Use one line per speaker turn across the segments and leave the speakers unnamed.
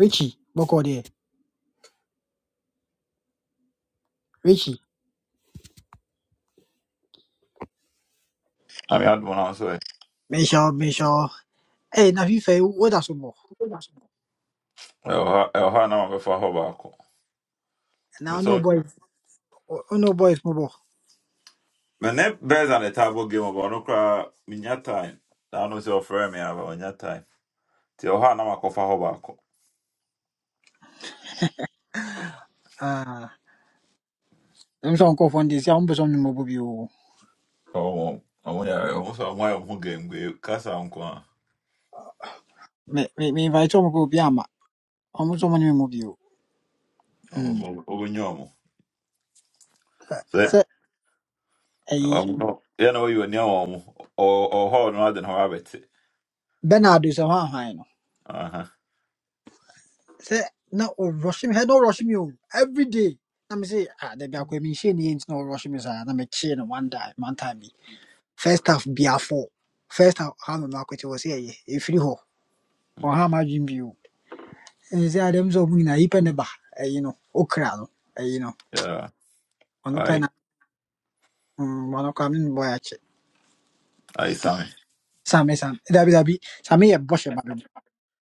Richie, bɔkɔ deɛ. Richie,
I Ami adu na so e.
mehyɛ wo, mehyɛ wo. Hey, na fifɛ woda so bɔ.
Ɛwɔ ha na mabɛfa hɔ baako.
Na no
So,
boys, no boy, mo bɔ.
mene bears at the table game about no kra minya time. Da no se ofrɛ me aba onya time. Ti ɛwɔ ha na makɔfa hɔ baako.
Ah, ɛmu sɛ ɔnkɔfoɔ no deɛ si a ɔmpɛ sɛ ɔne mo bɔ bio.
oh, ɔmo yɛ ɔmo so ɔmo ayɛ ɔmo game go kasa nko oh,
Me me me invite some kɔ obi I'm nso ɔmo ne mo bio. Hmm.
Ɔmo ɔmo nyɛ ɔmo.
Sɛ
Sɛ
sɛ ɛyi
ɔmo yɛ na ɔyɛ onia ɔmo. Ɔ ɔ hɔ no adi na ɔmo abɛte.
Bernard sɛ ɔhan han no.
Aha.
Sɛ na ɔrɔhye me, hɛ na ɔrɔhye me Every day. let me say ah dabi akɔ mi nhyɛ ni no nti na ɔrɔhye let me chain one time one time First half bia First half how no akɔte wɔ sɛ if you hɔ. ɔha m'adwen bio ɛne sɛ adɛm sɛ ɔmo nyinaa yipa ne ba ɛyi no okra no ɛyi no
Yeah.
ɔno pɛ
Ai
na mm, ɔno koraa me
ai Sammy.
dabi dabi same yɛ bɔhyɛ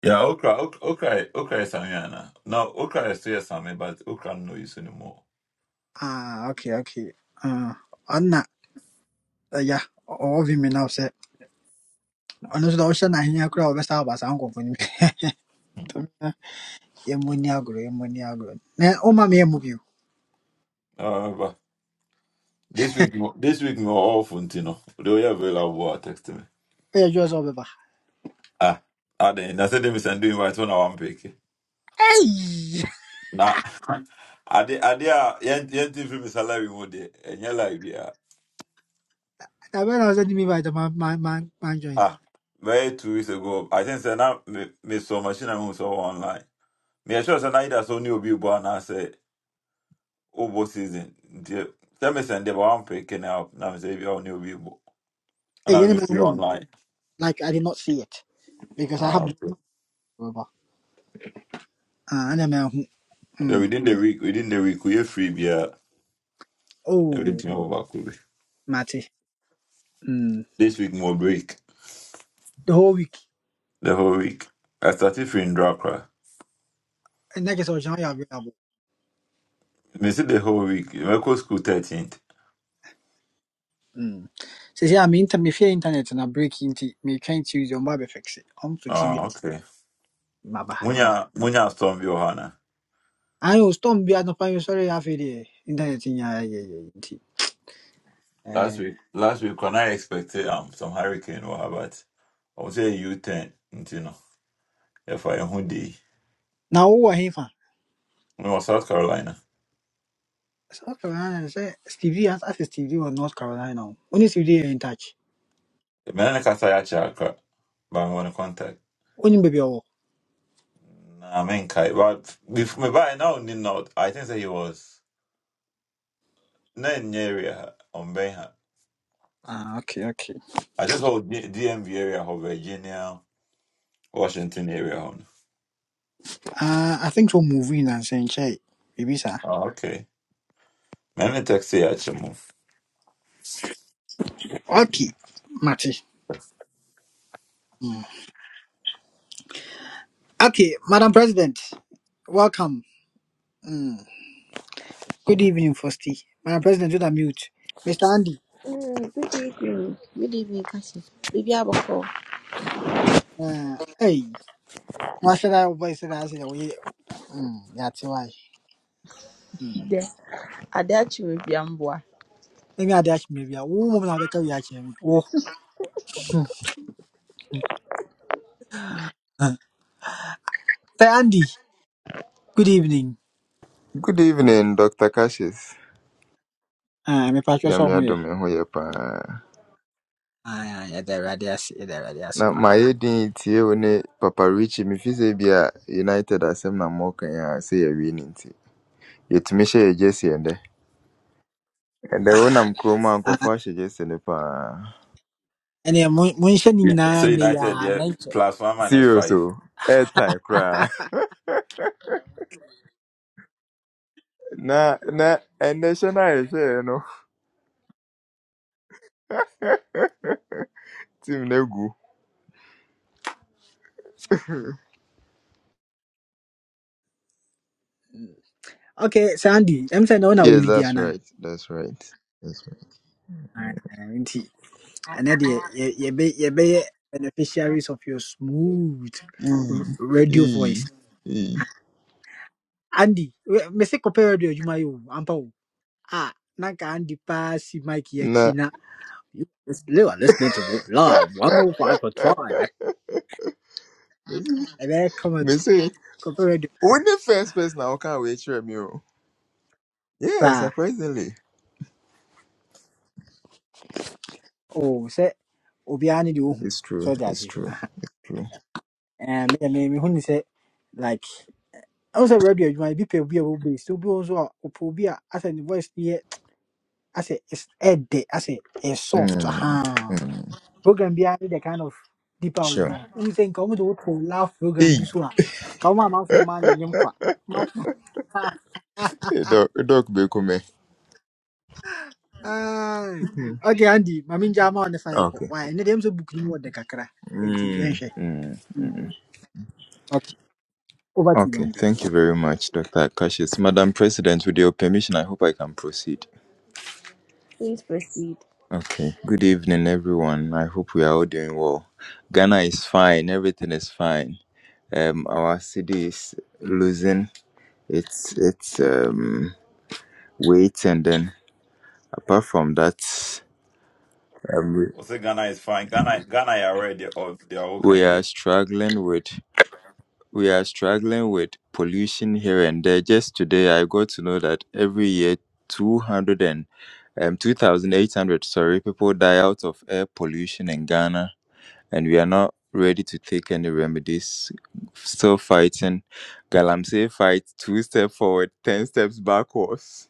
Yeah, okra ok- okra okra is Sammy ana. No, okra is still Sammy but okra no use anymore.
ah okay okay ah ɔna ɛya ɔwɔ vi mi na sɛ ɔno nso na ɔhyɛ n'ahenya koraa a ɔbɛsa aba saa nkɔkɔ no mu yɛmmɔ ni agorɔ yɛmmɔ ni agorɔ na ɔma me yɛ mu bio
Uh, but this week, this week we were off, you know. They were available. I text me.
ɛyɛ dwerɛ sɛ ɔbɛba
Ah, I didn't. I said they send you invite when I want pick.
ɛyi
Nah, I did. I did. Ah, yen yen thing for me salary more day. And your life, yeah.
na bɛn na ɔsɛ di mi ba ɛdɛ man man man man join
Ah, very two weeks ago. I think say now me me so machine I saw online. Me I sure say now either saw new be born and say obo season. Dear, tell me send them one pick and now now me say be new be born and
ɛyi
i
ɛne
me
man
free
hu
online.
like I did not see it because I
Ah,
have
okay.
no rubber.
Then
Mm.
within the week, within the week we are free, yeah.
Oh,
Everything over cool.
Matty. Mm.
This week more break.
The whole week.
The whole week. I started feeling drunk. right?
And like I Next option you available.
Me see the whole week. I go school thirteenth.
Mm. Say I mean inter- me fear internet and I break into me trying to use your mobile fix it. I'm fixing it.
Oh, okay.
Baba. Yeah.
Munya munya storm bi wɔ hɔ ana?
I was storm be at no fine sorry half a day. Internet in yeah yeah yeah. yeah.
Last
Eh,
week last week when I expected um some hurricane or but I was say U ten you know. If I who day.
Now who are him fan?
We was South Carolina.
South Carolina say Stevie has asked Stevie or North Carolina. Only Stevie in touch.
The man I kasa ya chakra. But i want to contact.
Only baby oh.
Nah, I mean kai but before me by now did not I think that he was not in the area on Ben
Ah okay okay.
I just hold D- DMV area of Virginia, Washington area on.
Uh I think so moving and saying check. Baby sir.
Oh, okay. Many taxi actually.
Okay. Matty. Okay, Madam President, welcome. Mm. Good evening, Fosti. Madam President, do the mute. Mr. Andy,
Mm, Good evening. Good evening, Cassie. Baby Aboko,
uh, hey, why should I voice it? I said, we, mm, yeah, that's why. Mm.
There, Adachi will be Amboa.
Maybe I dash maybe. Oh, woman, I'll be coming. Oh, Huh. Sir Andy, good evening.
Good evening, Dr. Cassius.
Ah, me patch your
Nyame
song here.
adom ɛho yɛ paa.
Ah, yeah, the radius, the
Na
radius, pa.
mayɛ din tie wo ne Papa Richie mefi sɛ bi a United asɛm na mmɔka a sɛ yɛwie ne nti. Yɛtumi hyɛ yɛ jersey ɛndɛ. Ɛndɛ wonam kurom a
Ah,
nkɔfoɔ ahyɛ jersey no paa.
and yeah, mention in
Yeah.
na
So
ne,
United
ya,
yeah,
nature.
plus one minus
Serious
five.
o. Airtime koraa. Na na ɛndɛ hyɛ no a yɛhyɛɛ no team no agu.
Okay, Sir Andy, I'm saying no, na will
Yes,
lead you,
that's
Anna.
right. That's right. That's right.
ɛnɛ deɛ be yɛbɛ- be beneficiaries of your smooth r-
Mm.
radio voice
Mm. Mm.
andy me say kɔpɛ radio you yɛ ampa o ah. nka andy paa si mike yɛ akyi
Na
na you are listening to Wo- love 105.5 eh. ɛbɛyɛ come at
me
kɔpɛ radio
Who the first person I can wait for you? Yeah,
saa
surprisingly.
o sɛ obiara ne deɛ ɔhu
It's
sɛ
true.
ɔde
It's true. It's true.
me me me huni say like ɛhu sɛ radio you no, bi pɛ obi a wɔbɛs obi wɔ hɔ nso a ɔpɛ obi a asɛ ne voice no I say it's edit. I say it's soft.
Mm,
Uh-huh.
mm,
Program behind the kind of deeper we
sure.
are. Who saying come to work for laugh program
Hey,
be so come on man for man in yum kwa. Man for man.
hey, doc, hey, doc, Bekume.
Aye.
Mhm.
Okay, Andy, Mamin Jama on the fire. call.
Okay.
Why? And them so book you what the kakra. Enti the yeah,
Mm,
sure.
mm,
Mm.
mm.
Okay. Over to you,
Okay.
Andy.
Thank you very much, Dr. Akashis. Madam President, with your permission, I hope I can proceed.
please proceed.
Okay. Good evening, everyone. I hope we are all doing well. Ghana is fine. Everything is fine. Um, our city is losing its its um weight and then apart from that um, we
Also Ghana is fine. Ghana Ghana are already of they are all
we
kind
are
there.
struggling with we are struggling with pollution here and there just today i got to know that every year 200 and um, 2800 sorry people die out of air pollution in ghana and we are not ready to take any remedies still fighting galamsey fight two steps forward 10 steps backwards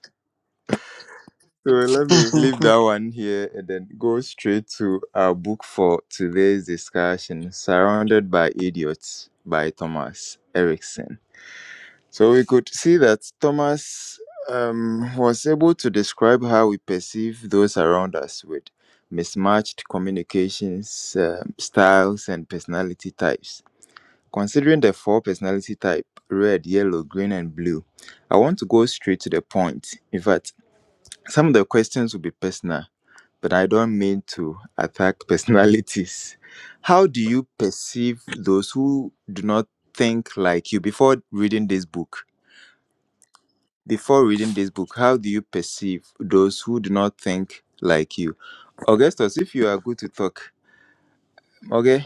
So let me leave that one here and then go straight to our book for today's discussion, Surrounded by Idiots by Thomas Erickson. So we could see that Thomas um, was able to describe how we perceive those around us with mismatched communications um, styles and personality types. Considering the four personality type red, yellow, green, and blue, I want to go straight to the point. In fact, some of the questions will be personal but I don't mean to attack personalities. How do you perceive those who do not think like you before reading this book? Before reading this book, how do you perceive those who do not think like you? Augustus, if you are good to talk, okay?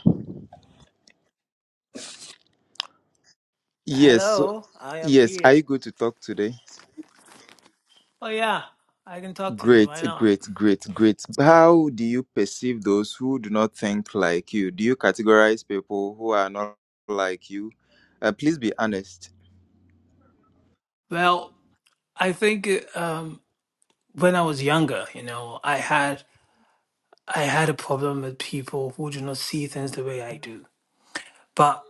Yes, so,
Hello, I am
yes,
here.
are you good to talk today?
Oh yeah, I can talk today.
Great,
Why not?
great, great, great. How do you perceive those who do not think like you? Do you categorize people who are not like you? Uh, please be honest.
Well, I think um, when I was younger, you know, I had I had a problem with people who do not see things the way I do. But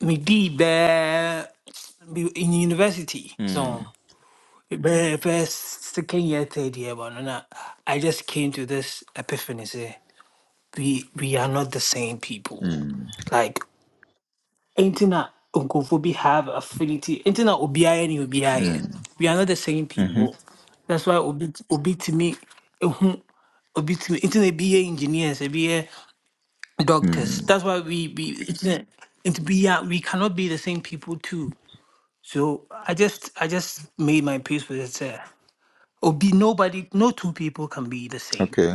me deep there me in university, so the first second year, third year, but no, no, I just came to this epiphany. Say we we are not the same people.
Mm.
like. Enti na nkurɔfoɔ have affinity. Enti na obiara ne obiara
Mm.
We are not the same
Mm-hmm.
people. That's why obi obi timi ehu obi timi enti na be engineers, be doctors.
Mm.
That's why we be enti na enti bi we cannot be the same people too. So I just I just made my peace with it. Sir. Obi nobody no two people can be the same
Okay.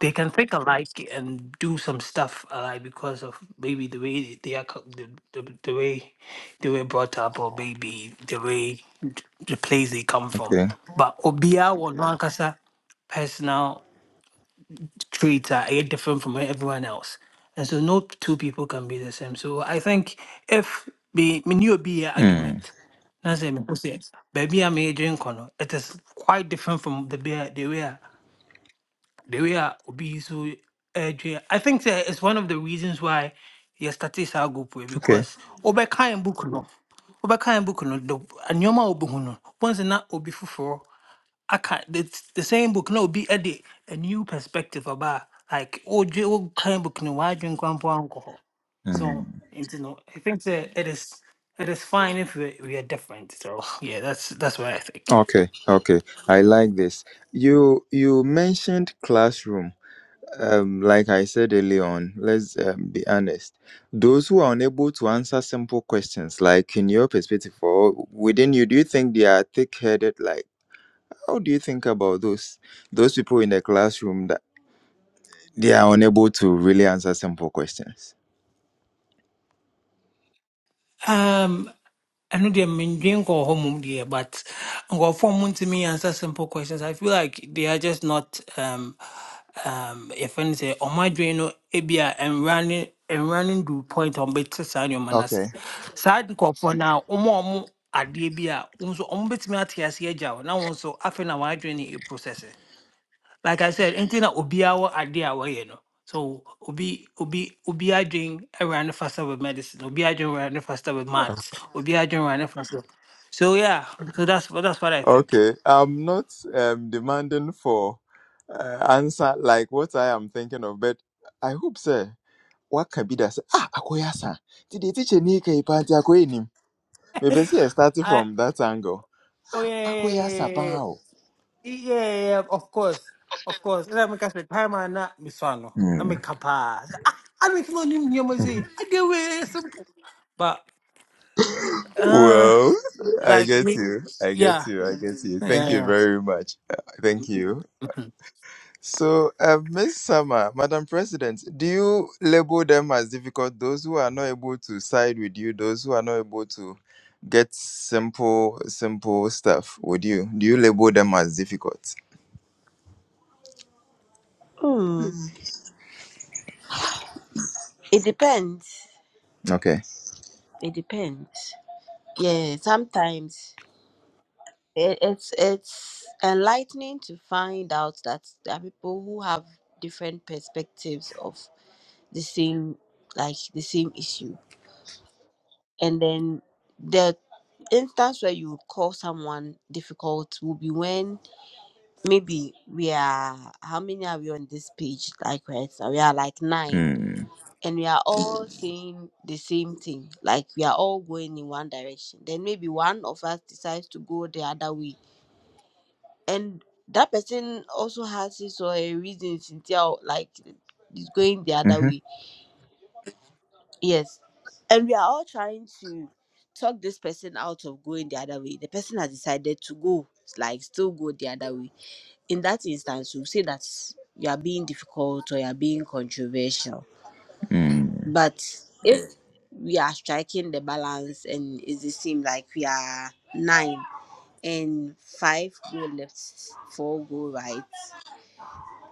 they can think alike and do some stuff alike because of maybe the way they are co- the, the, the way they were brought up or maybe the way the place they come from
Okay.
but obia or nankasa personal traits are eh, different from everyone else and so no two people can be the same so i think if the new obia
Mm.
argument that's a baby i'm a drink, it is quite different from the beer they were the way I obi so ɛdwe i think sɛ it's one of the reasons why yɛstate saa group wei
Okay.
because wobɛkae book no wobɛkae book no the nneɔma a wobɛhu no once na obi fufuro. I can the, the same book na obi ɛde a new perspective aba a like wodwe wokae book no why drink mpo alcohol,
Mm.
so you know i think sɛ it is it is fine if we we are different so yeah that's that's what i think
Okay. Okay. I like this. You you mentioned classroom. Um, like I said earlier on, let's um, be honest. Those who are unable to answer simple questions, like in your perspective or within you, do you think they are thick-headed? Like, how do you think about those those people in the classroom that they are unable to really answer simple questions?
Um. I ɛno deɛ mendwe nkɔɔ hɔ mom deɛ but I nkurɔfoɔ mu me answer simple questions i feel like they are just not um, um, yɛfɛ no sɛ ɔmo adwene no ebi a nwura ne nwura ne ndu point a ɔmbɛte saa nneɛma no ase
Okay.
saa nkurɔfoɔ no a ɔmo a ɔmo adeɛ bi a wo nso ɔmo bɛtumi ate ase agya wo na why nso afei na wɔadwene ne like I said, anything that obiawa idea away, you know. So obi obi obi doing around faster with medicine, obi doing around faster with maths, obi doing around faster. So yeah, so that's that's what I think.
Okay, I'm not um, demanding for uh, answer like what I am thinking of, but I hope, sir, what can be that? Say, ah, akoya san. Did the teacher ni kai party akoya nim? Maybe see, I started
I
from that angle.
oh yeah yeah yeah,
Akoya san
yeah,
pao.
yeah, yeah, yeah, of course of course. Let me catch the time and not me swallow. Let
Hmm.
me kapa. I make no new music. I get away simple. But uh,
Well, I
like
get
me,
you. I get
yeah
you. I get you. Thank you
yeah
very much. Uh, Thank you.
yeah.
So, uh, Ms. Sama, Madam President, do you label them as difficult, those who are not able to side with you, those who are not able to get simple, simple stuff with you? Do you label them as difficult?
Hmm. It depends.
Okay.
It depends. Yeah, sometimes it, it's it's enlightening to find out that there are people who have different perspectives of the same like the same issue, and then the instance where you call someone difficult will be when maybe we are how many are we on this page like right now we are like nine
Mm.
and we are all saying the same thing like we are all going in one direction then maybe one of us decides to go the other way and that person also has his or her reasons until like is going the other
Mm-hmm.
way yes and we are all trying to talk this person out of going the other way the person has decided to go like still go the other way in that instance you say that you are being difficult or you are being controversial
Mm.
but if we are striking the balance and it seems like we are nine and five go left four go right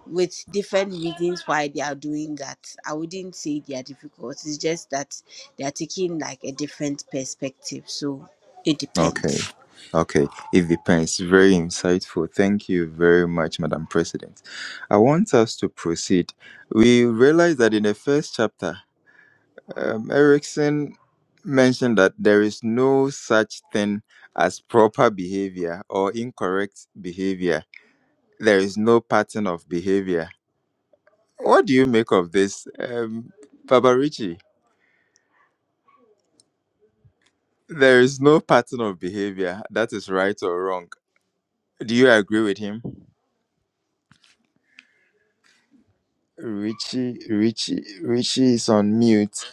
with different reasons why they are doing that i wouldn't say they are difficult it's just that they are taking like a different perspective so it
Okay.
depends
Okay. It depends. Very insightful. Thank you very much, Madam President. I want us to proceed. We realize that in the first chapter, Um, Erickson mentioned that there is no such thing as proper behavior or incorrect behavior. There is no pattern of behavior. What do you make of this, um, Papa Richie? There is no pattern of behavior that is right or wrong. Do you agree with him? Richie, Richie, Richie is on mute.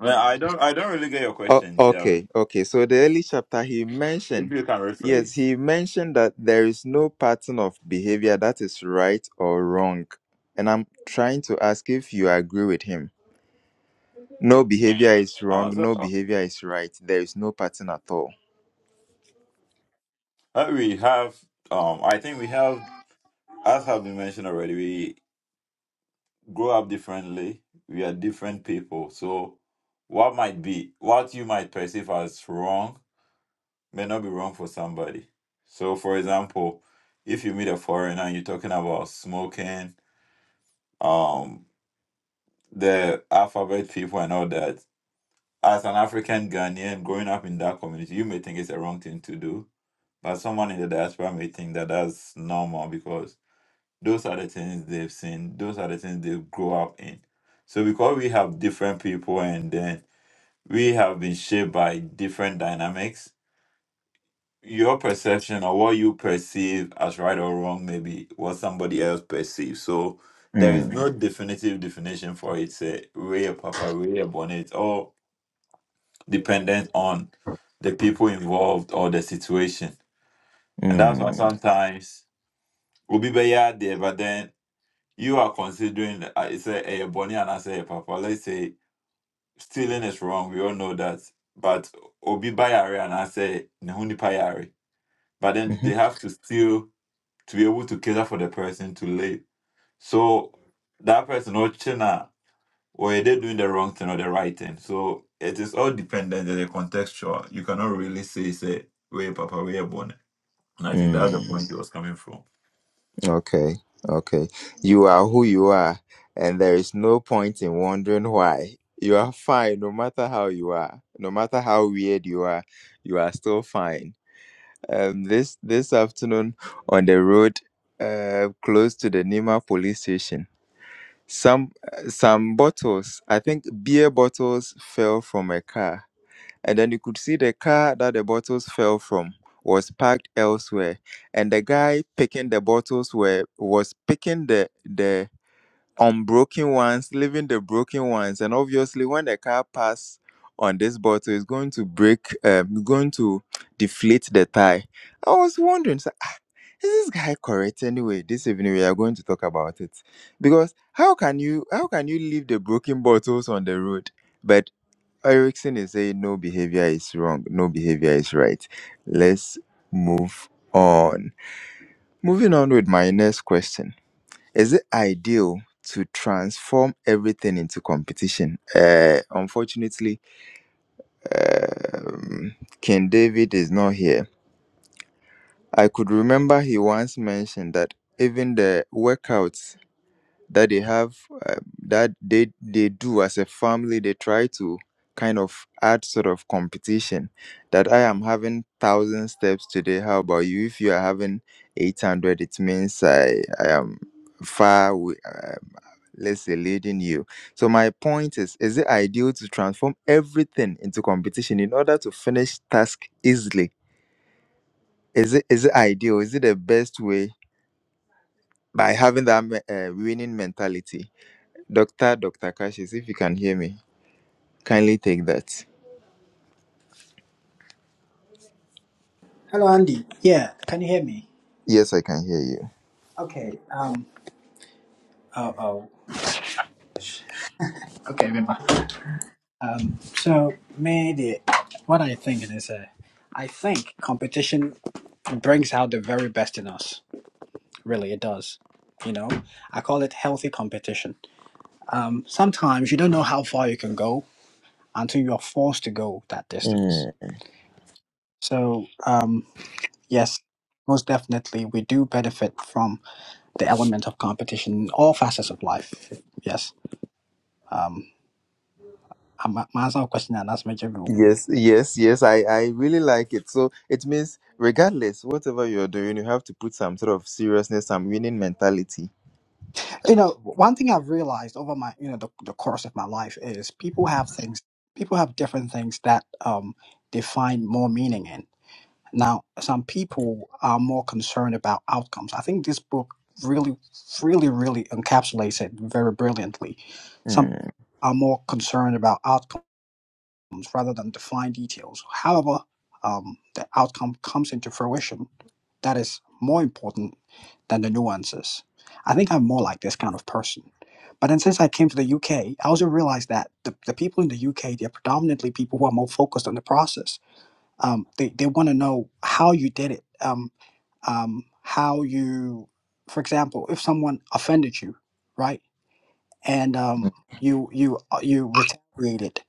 Man, I don't I don't really get your
Oh,
question, Tia.
okay, okay. So the early chapter he
If
mentioned,
you can
yes,
rephrase.
he mentioned that there is no pattern of behavior that is right or wrong. And I'm trying to ask if you agree with him. No behavior is
Uh
wrong,
so
no
uh,
behavior is right. There is no pattern at all.
uh, we have um I think we have as have been mentioned already, we grow up differently. We are different people. So what might be what you might perceive as wrong may not be wrong for somebody. So, for example, if you meet a foreigner and you're talking about smoking, um, the alphabet people and all that, as an African Ghanaian growing up in that community, you may think it's a wrong thing to do, but someone in the diaspora may think that that's normal because those are the things they've seen, those are the things they grow up in. So, because we have different people and then we have been shaped by different dynamics, your perception or what you perceive as right or wrong may be what somebody else perceives. So there is
Mm,
no definitive definition for it. Say real papa, real bonnet, it's all dependent on the people involved or the situation. And that's why
mm,
sometimes we'll be there, but then you are considering uh, it's a, a bonnet and I say a papa. Let's say stealing is wrong. We all know that. But Obi Bayari and I say Nehuni Payari. But then they
mhm,
have to steal to be able to cater for the person to live. So that person or China were they doing the wrong thing or the right thing. So it is all dependent on the contextual. You cannot really say say where Papa where born. And I think that's
mm.
the point he was coming from.
Okay, okay. You are who you are, and there is no point in wondering why. You are fine no matter how you are, no matter how weird you are, you are still fine. Um, this this afternoon on the road, uh, close to the Nima police station, some some bottles, I think beer bottles, fell from a car and then you could see the car that the bottles fell from was parked elsewhere and the guy picking the bottles were was picking the the unbroken ones leaving the broken ones and obviously when the car pass on this bottle it's going to break um going to deflate the tire i was wondering so, "Ah, is this guy correct anyway this evening we are going to talk about it because how can you how can you leave the broken bottles on the road but. Erickson is saying no behavior is wrong, no behavior is right. Let's move on. Moving on with my next question. Is it ideal to transform everything into competition? Uh, unfortunately, um, King David is not here. I could remember he once mentioned that even the workouts that they have uh, that they they do as a family they try to kind of add sort of competition that i am having 1000 steps today how about you if you are having 800 it means i i am far wi- uh, let's say leading you so my point is is it ideal to transform everything into competition in order to finish task easily is it is it ideal is it the best way by having that me- uh, winning mentality Doctor, Dr. Cassius, if you can hear me, kindly take that.
Hello, Andy. Yeah, can you hear me?
Yes, I can hear you.
Okay. Um. Oh, oh. Okay, remember. Um. So, maybe what I think is, uh, I think competition. brings out the very best in us. Really, it does. You know, I call it healthy competition. Um, sometimes you don't know how far you can go until you're forced to go that distance.
Mm.
So, um, yes, most definitely, we do benefit from the element of competition in all facets of life. Yes. Um, I'm I'm answering a question and that's major room.
Yes, yes, yes. I, I really like it. So it means, regardless, whatever you're doing, you have to put some sort of seriousness, some winning mentality.
You know, one thing I've realized over my, you know, the, the course of my life is people have things, people have different things that um, they find more meaning in Now, some people are more concerned about outcomes. I think this book really, really, really encapsulates it very brilliantly. Some
Mm.
are more concerned about outcomes rather than the details. However, um, the outcome comes into fruition. That is more important than the nuances. I think I'm more like this kind of person. But then since I came to the UK, I also realized that the, the people in the UK, they're predominantly people who are more focused on the process um, they, they want to know how you did it um, um, how you for example if someone offended you right and um, you you uh, you retaliated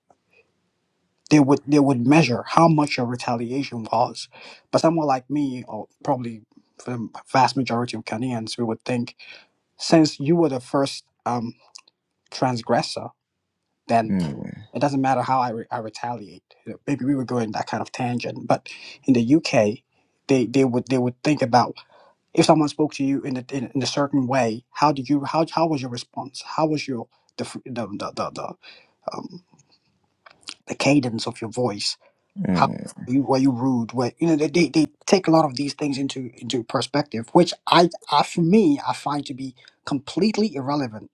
they would they would measure how much your retaliation was but someone like me or probably for the vast majority of Ghanaians we would think since you were the first um, transgressor then.
Mm.
It doesn't matter how I, re- I retaliate. You know, Maybe we were going that kind of tangent, but in the UK, they, they would they would think about if someone spoke to you in a, in, a- in a certain way, how did you how how was your response? How was your the fr- the the the, the, um, the cadence of your voice? How
Mm.
were you, were you rude? Were, you know they, they they take a lot of these things into into perspective, which I, I for me I find to be completely irrelevant.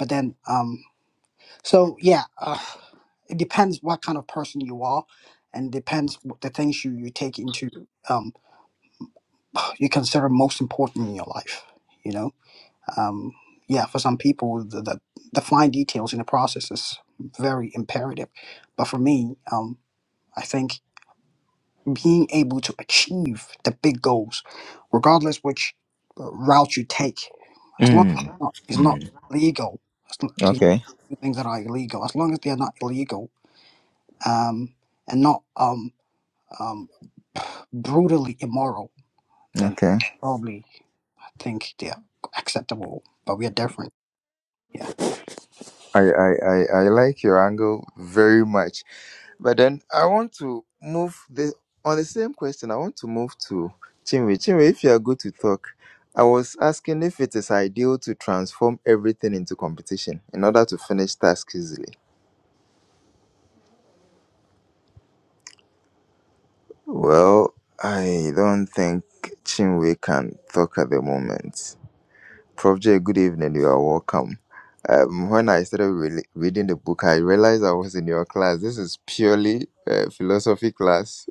But then um, so yeah, uh, it depends what kind of person you are, and depends what the things you, you take into um, you consider most important in your life. You know, um, yeah, for some people, the, the the fine details in the process is very imperative, but for me, um, I think being able to achieve the big goals, regardless which uh, route you take, as long as
Mm.
it's not, it's not
Mm.
legal, as long,
Okay,
things that are illegal, as long as they are not illegal um, and not um, um, brutally immoral, then
okay.
probably I think they're acceptable. But we are different. Yeah.
I, I, I, I like your angle very much. But then I want to move the on the same question. I want to move to Chinwe. Chinwe, if you are good to talk, I was asking if it is ideal to transform everything into competition in order to finish tasks easily. Well, I don't think Chinwe can talk at the moment. Prof J, good evening. You are welcome. Um, when I started re- reading the book, I realized I was in your class. This is purely uh, philosophy class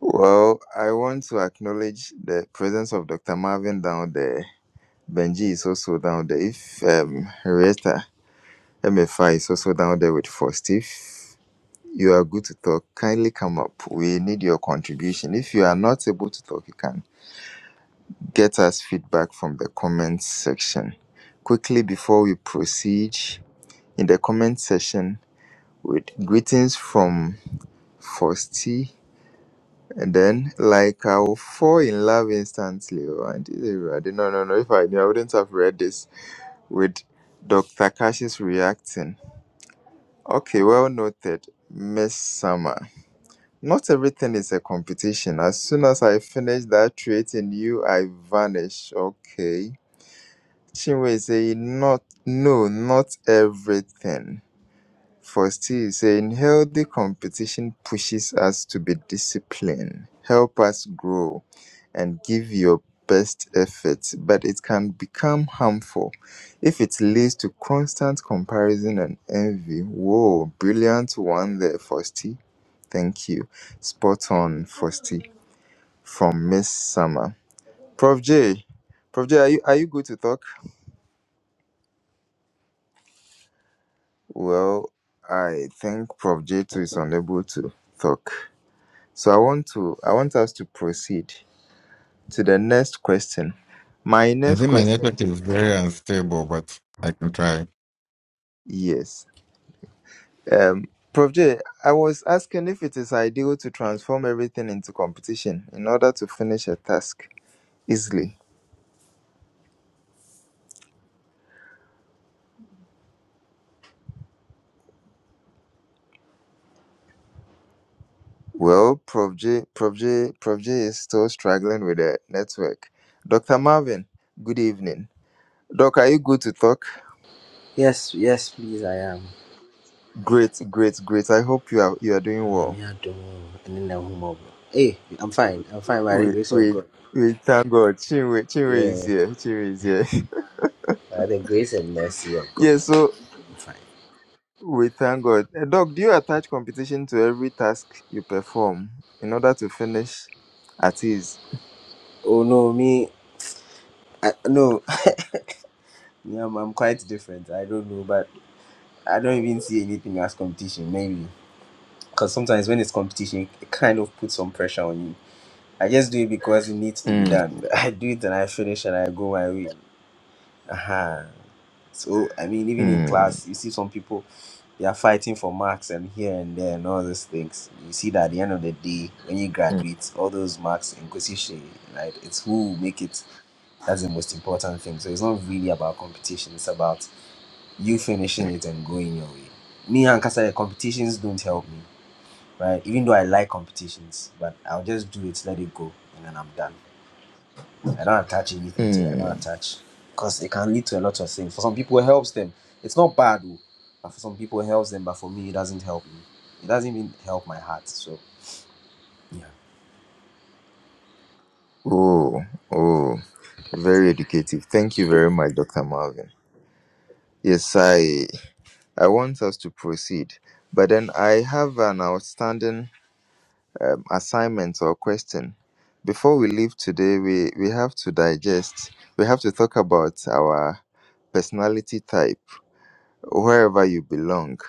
Well, I want to acknowledge the presence of Dr. Marvin down there. Benji is also down there. If um, Rita MFI is also down there with First, if you are good to talk, kindly come up. We need your contribution. If you are not able to talk, you can get us feedback from the comments section. Quickly, before we proceed, in the comment section, with greetings from First And then, like, I will fall in love instantly. Oh, and this is already- no, no, no. If I knew, I wouldn't have read this with Dr. Kash's reacting. Okay, well noted, Miss Summer. Not everything is a competition. As soon as I finish that trait in you, I vanish. Okay. Chinwe is saying, not, no, not everything. For Steve saying, healthy competition pushes us to be disciplined, help us grow, and give your best effort, but it can become harmful if it leads to constant comparison and envy. Whoa, brilliant one there, Fosti. Thank you. Spot on, Fosti, from Miss Summer. Prof J, Prof J, are you, are you good to talk? Well, I think Prof J too is unable to talk. So I want to I want us to proceed to the next question. My
I
next
think my
question,
network is very unstable, but I can try.
yes. Um Prof J, I was asking if it is ideal to transform everything into competition in order to finish a task easily. Well, Prof J, Prof J, Prof J is still struggling with the network. Dr. Marvin, good evening. Doc, are you good to talk?
Yes, yes, please, I am.
Great, great, great. I hope you are you are doing well.
Onyame adom, ɛne n'ahummɔborɔ. Hey, I'm fine. I'm fine by the
We
grace of
we
God.
we thank God. Chinwe, Chinwe is
Yeah,
here. Chinwe is here.
by the grace and mercy of God.
Yeah, so
I'm fine.
we thank God. Uh, Doc, do you attach competition to every task you perform in order to finish at ease?
Oh no, me, I, no, me, I'm, I'm quite different. I don't know, but I don't even see anything as competition. Maybe because sometimes when it's competition, it kind of puts some pressure on you. I just do it because it needs to be
Mm,
done. I do it and I finish and I go my way. Uh-huh. So I mean, even in
mm,
class, you see some people they are fighting for marks and here and there and all those things. You see that at the end of the day, when you
mm,
graduate, all those marks in Kosishe, right? It's who will make it. That's the most important thing. So it's not really about competition. It's about you finishing it and going your way. Me and Kasa, competitions don't help me, right? Even though I like competitions, but I'll just do it, let it go, and then I'm done. I don't attach anything to it. I don't
mm.
attach, cause it can lead to a lot of things. For some people, helps them. It's not bad, though. For some people, helps them. But for me, it doesn't help me. It doesn't even help my heart. So, yeah.
Oh, oh, very educative. Thank you very much, Dr. Marvin. Yes, I, I want us to proceed, but then I have an outstanding um, assignment or question. Before we leave today, we, we have to digest, we have to talk about our personality type wherever you belong.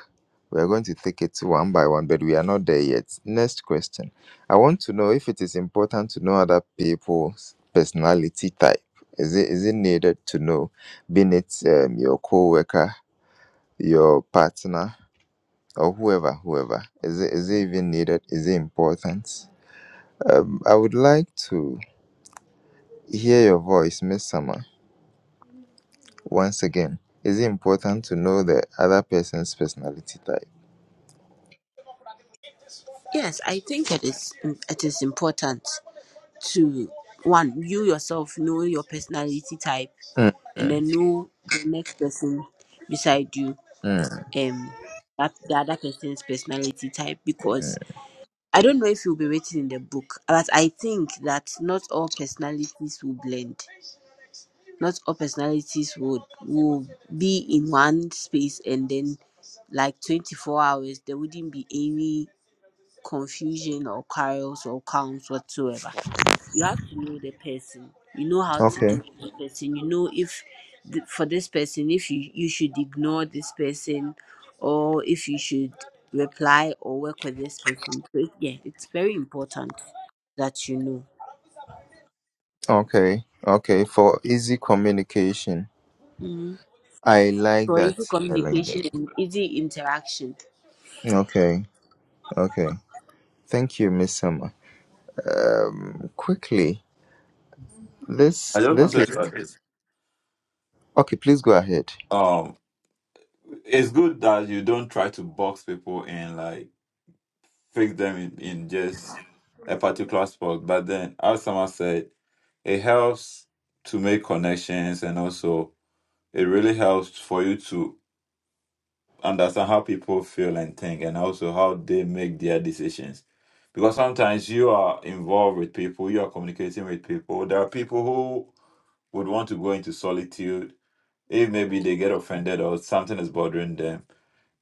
We're going to take it one by one, but we are not there yet. Next question. I want to know if it is important to know other people's personality type. Is it is it needed to know, being it um, your co-worker, your partner, or whoever, whoever? Is it is it even needed? Is it important? Um, I would like to hear your voice, Miss Summer, once again. Is it important to know the other person's personality type?
yes i think it is it is important to one you yourself know your personality type
Mm,
and then know the next person beside you
mm,
um that the other person's personality type
mm.
because i don't know if you will be written in the book but i think that not all personalities will blend not all personalities would will be in one space and then like 24 hours there wouldn't be any confusion or chaos or counts whatsoever. You have to know the person. You know how to
Okay.
deal with the person. You know if th- for this person, if you, you should ignore this person or if you should reply or work with this person. So it- yeah, it's very important that you know.
Okay. Okay. For easy communication.
Mhm.
I like
For
that.
easy
I like that.
communication and easy interaction.
Okay. Okay. Thank you, Miss Summer. Um, quickly.
I
This.
just
This
wanted
is.
to add this.
Okay. Please go ahead.
Um it's good that you don't try to box people and like fix them in, in just a particular spot. But then as someone said, it helps to make connections and also it really helps for you to understand how people feel and think and also how they make their decisions. Because sometimes you are involved with people, you are communicating with people. There are people who would want to go into solitude if maybe they get offended or something is bothering them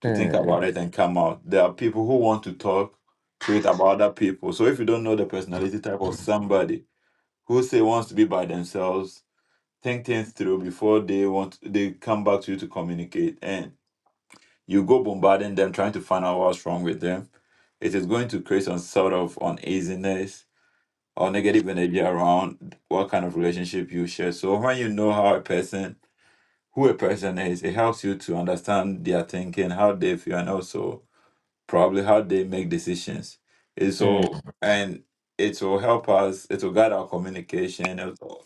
to think
Mm,
about it and come out. There are people who want to talk to it about other people. So if you don't know the personality type of somebody who say wants to be by themselves, think things through before they want they come back to you to communicate. And you go bombarding them, trying to find out what's wrong with them. It is going to create some sort of uneasiness or negative energy around what kind of relationship you share. So when you know how a person, who a person is, it helps you to understand their thinking, how they feel, and also probably how they make decisions. It's
mm,
so and it will help us. It will guide our communication. It will,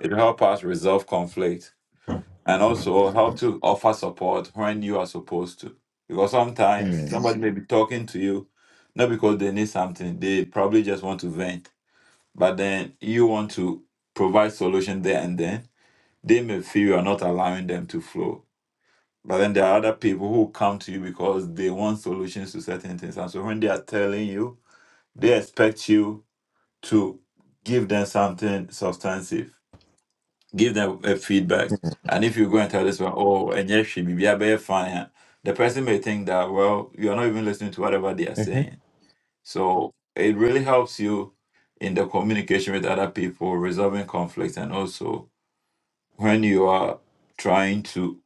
it will help us resolve conflict and also help to offer support when you are supposed to. Because sometimes
mm,
somebody may be talking to you, not because they need something, they probably just want to vent. But then you want to provide solution there and then. They may feel you are not allowing them to flow. But then there are other people who come to you because they want solutions to certain things. And so when they are telling you, they expect you to give them something substantive give them a feedback. And if you go and tell this one, oh, and yes, she be a bear fine, ah," the person may think that, well, you're not even listening to whatever they are
mhm,
saying. So it really helps you in the communication with other people, resolving conflicts, and also when you are trying to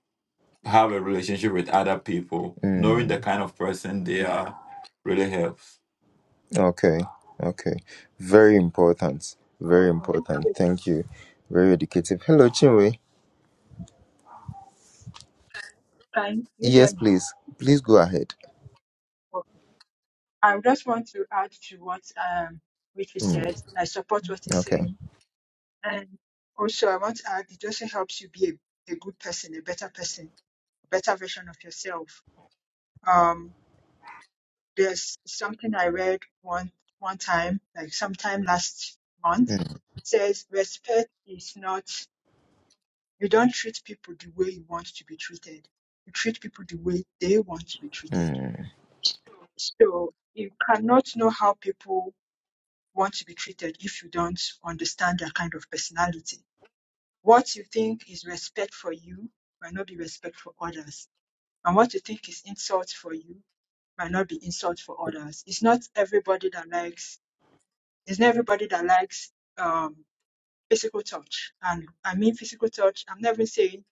have a relationship with other people, knowing
mm.
the kind of person they are really helps.
Okay. Okay. Very important. Very
I want to
important.
say
Thank
something.
you. Very educative. Hello, Chinwe.
Can you hear
Yes,
me?
please. Please go ahead.
Okay. I just want to add to what um Ricky
Mm,
said. I support what he's
okay.
saying. And also I want to add it also helps you be a, a good person, a better person, a better version of yourself. Um there's something I read one one time, like sometime last month,
Mm,
says respect is not you don't treat people the way you want to be treated. You treat people the way they want to be treated.
mm,
So you cannot know how people want to be treated if you don't understand their kind of personality. What you think is respect for you might not be respect for others. And what you think is insult for you might not be insult for others. It's not everybody that likes it's not everybody that likes um physical touch. And I mean physical touch, I'm not even saying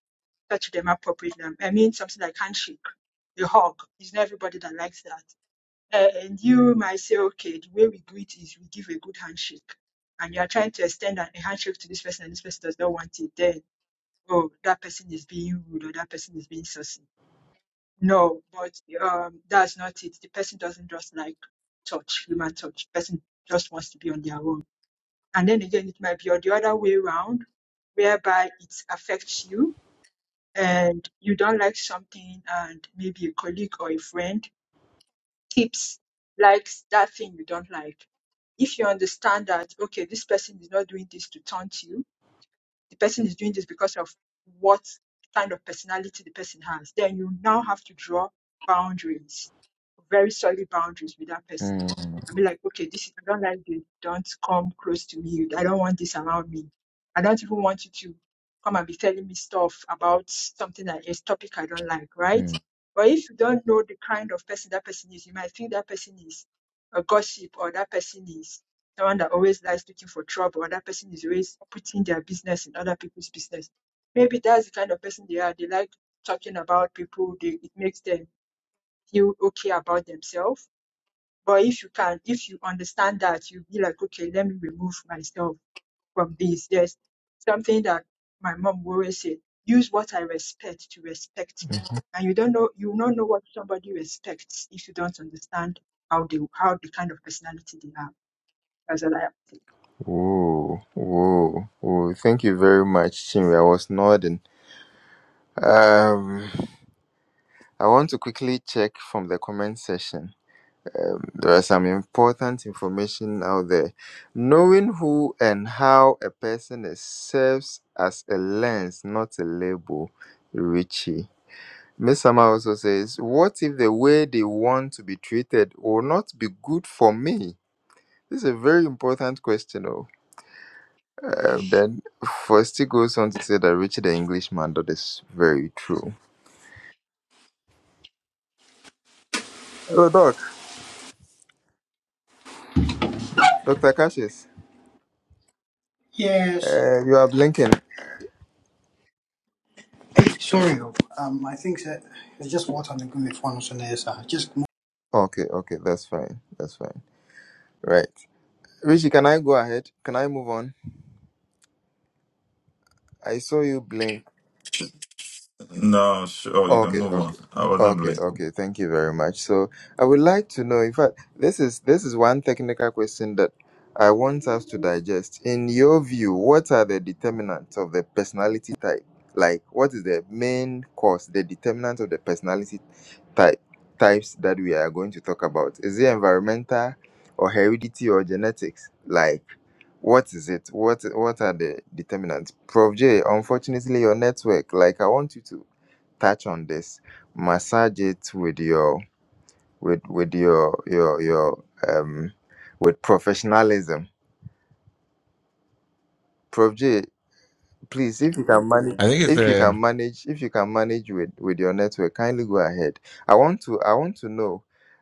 touch them appropriately. I mean something like handshake, a hug. It's not everybody that likes that. Uh, And you might say, okay, the way we greet is we give a good handshake. And you are trying to extend a a handshake to this person and this person does not want it, then, oh, that person is being rude or that person is being sussy. No, but um, that's not it. The person doesn't just like touch, human touch. person just wants to be on their own. And then again, it might be on the other way around, whereby it affects you and you don't like something and maybe a colleague or a friend tips like that thing you don't like if you understand that okay this person is not doing this to taunt you the person is doing this because of what kind of personality the person has, then you now have to draw boundaries, very solid boundaries with that person. I mean, like, okay, this is, I don't like this. Don't come close to me. I don't want this around me. I don't even want you to come and be telling me stuff about something that is topic I don't like, right?
mm,
But if you don't know the kind of person that person is, you might think that person is a gossip or that person is someone that always likes looking for trouble and that person is always putting their business in other people's business. Maybe that's the kind of person they are. They like talking about people. They, it makes them feel okay about themselves. But if you can, if you understand that, you be like, okay, let me remove myself from this. There's something that my mom will always say: use what I respect to respect me.
mm,
And you don't know, you will not know what somebody respects if you don't understand how they, how the kind of personality they have. That's what I have.
Whoa, whoa, whoa. Thank you very much, Chimwe. I was nodding. Um, I want to quickly check from the comment section. Um, there are some important information out there. Knowing who and how a person is serves as a lens, not a label, Richie. Miss Sama also says, What if the way they want to be treated will not be good for me? This is a very important question. oh. Uh, then Fosti goes on to say that Richard the Englishman, that is very true. Oh, Doc, Dr. Cassius,
Yes.
uh, you are blinking.
Hey, sorry. Um, I think that there's just water on the good with one on the other Just
Okay, okay, that's fine. That's fine. Right. Richie, can I go ahead? Can I move on? I saw you blink.
No, sure, you can
Okay,
move
okay.
on. I wasn't
Okay,
blank.
okay. Thank you very much. So, I would like to know in fact this is this is one technical question that I want us to digest. In your view, what are the determinants of the personality type? Like what is the main cause, the determinant of the personality type types that we are going to talk about? Is it environmental or heredity or genetics? Like what is it? What what are the determinants? Prof J, unfortunately your network, like I want you to touch on this massage it with your with with your your your um with professionalism prof j please if you can manage
I think it's
if you
a
can manage if you can manage with with your network kindly go ahead i want to i want to know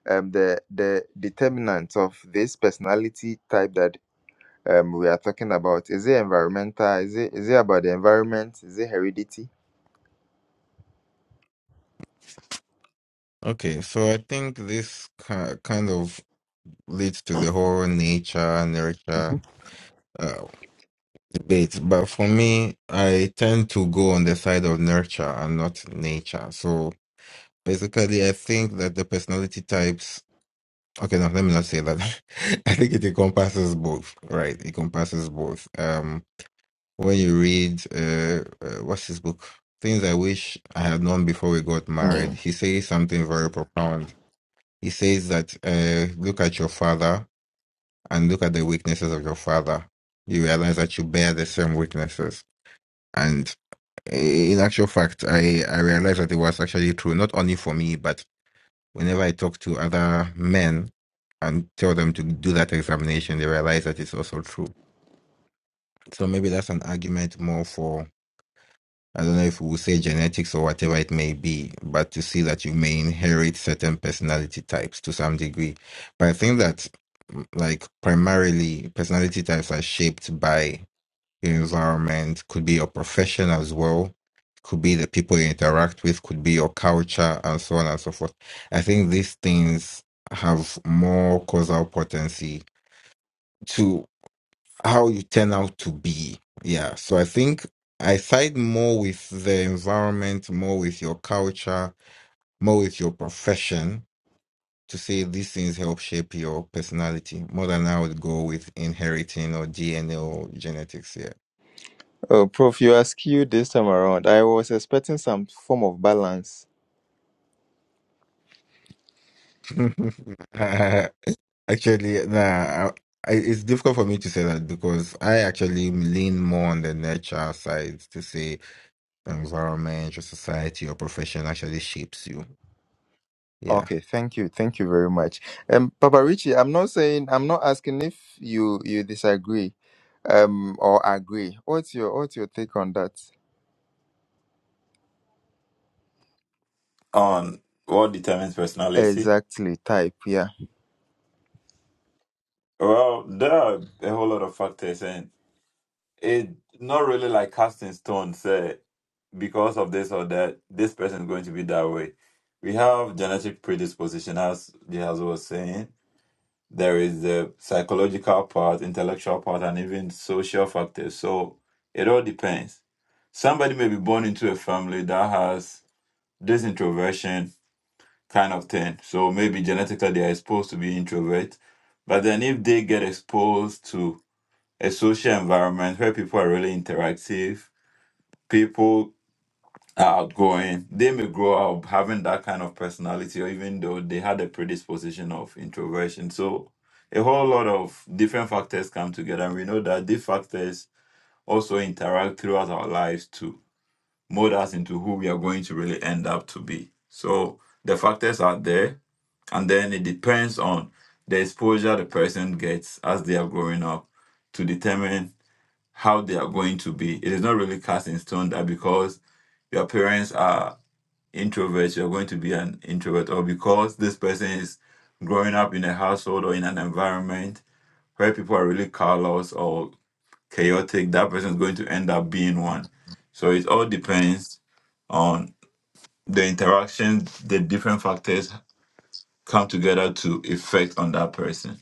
um the the determinants of this personality type that um we are talking about is it environmental is it is it about the environment is it heredity
okay. So I think this ki- kind of leads to the whole nature nurture uh, debate. But for me, I tend to go on the side of nurture and not nature. So basically, I think that the personality types. Okay, no, let me not say that. I think it encompasses both, right? It encompasses both. Um. when you read uh, uh what's his book things i wish i had known before we got
Mhm.
married he says something very profound he says that uh look at your father and look at the weaknesses of your father you realize that you bear the same weaknesses and eh, in actual fact i i realized that it was actually true not only for me but whenever i talk to other men and tell them to do that examination they realize that it's also true so maybe that's an argument more for I don't know if we'll say genetics or whatever it may be, but to see that you may inherit certain personality types to some degree. But I think that, mm, like, primarily personality types are shaped by your environment, could be your profession as well, could be the people you interact with, could be your culture, and so on and so forth. I think these things have more causal potency to how you turn out to be. Yeah. So I think I side more with the environment, more with your culture, more with your profession to say these things help shape your personality more than I would go with inheriting or DNA or genetics. Yeah.
Oh, Prof, you are you this time around. I was expecting some form of balance.
Actually, nah. I, I- it's difficult for me to say that because I actually lean more on the nurture side to say environment, your society, your profession actually shapes you. Yeah.
Okay, thank you, thank you very much. Um, Papa Richie, I'm not saying, I'm not asking if you you disagree, um, or agree. What's your What's your take on that?
On what determines personality?
Exactly, type, yeah.
Well, there are a whole lot of factors, and it not really like casting stone, say, because of this or that, this person is going to be that way. We have genetic predisposition, as Jihaz was saying. There is the psychological part, intellectual part, and even social factors. So it all depends. Somebody may be born into a family that has this introversion kind of thing. So maybe genetically they are exposed to be introvert. But then if they get exposed to a social environment where people are really interactive, people are outgoing. They may grow up having that kind of personality, or even though they had a predisposition of introversion. So, a whole lot of different factors come together, and we know that these factors also interact throughout our lives to mold us into who we are going to really end up to be. So, the factors are there, and then it depends on the exposure the person gets as they are growing up to determine how they are going to be. It is not really cast in stone that because your parents are introverts, you're going to be an introvert, or because this person is growing up in a household or in an environment where people are really callous or chaotic, that person is going to end up being
Mm.
one. So it all depends on the interaction, the different factors come together to effect on that person.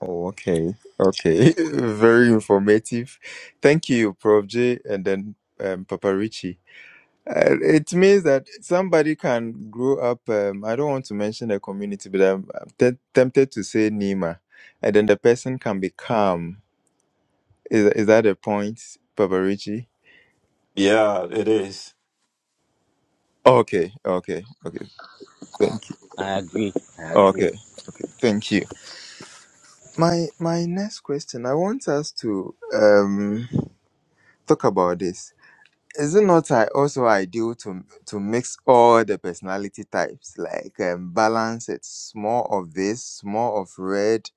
Oh, okay, okay, very informative. Thank you, Prof J, and then um, Papa Richie. Uh, it means that somebody can grow up. Um, I don't want to mention the community, but I'm, I'm te- tempted to say Nima, and then the person can be calm. Is is that a point, Papa Richie?
Yeah, it is.
Okay, okay, okay. Thank you.
I agree. I
Okay,
agree.
okay. Thank you. My my next question. I want us to um talk about this. Is it not i- also ideal to to mix all the personality types, like um, balance it, more of this, more of red,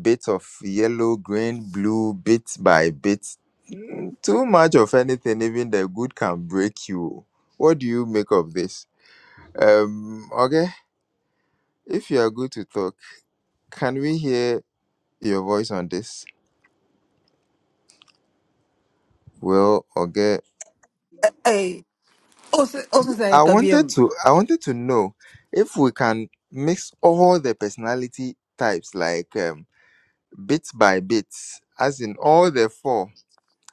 bit of yellow, green, blue, bit by bit. Mm, Too much of anything, even the good can break you. What do you make of this? Um, okay, if you are good to talk, can we hear your voice on this? Well, okay.
Hey, also also saying
I wanted
Kabiem.
to I wanted to know if we can mix all the personality types like um, bit by bit, as in all the four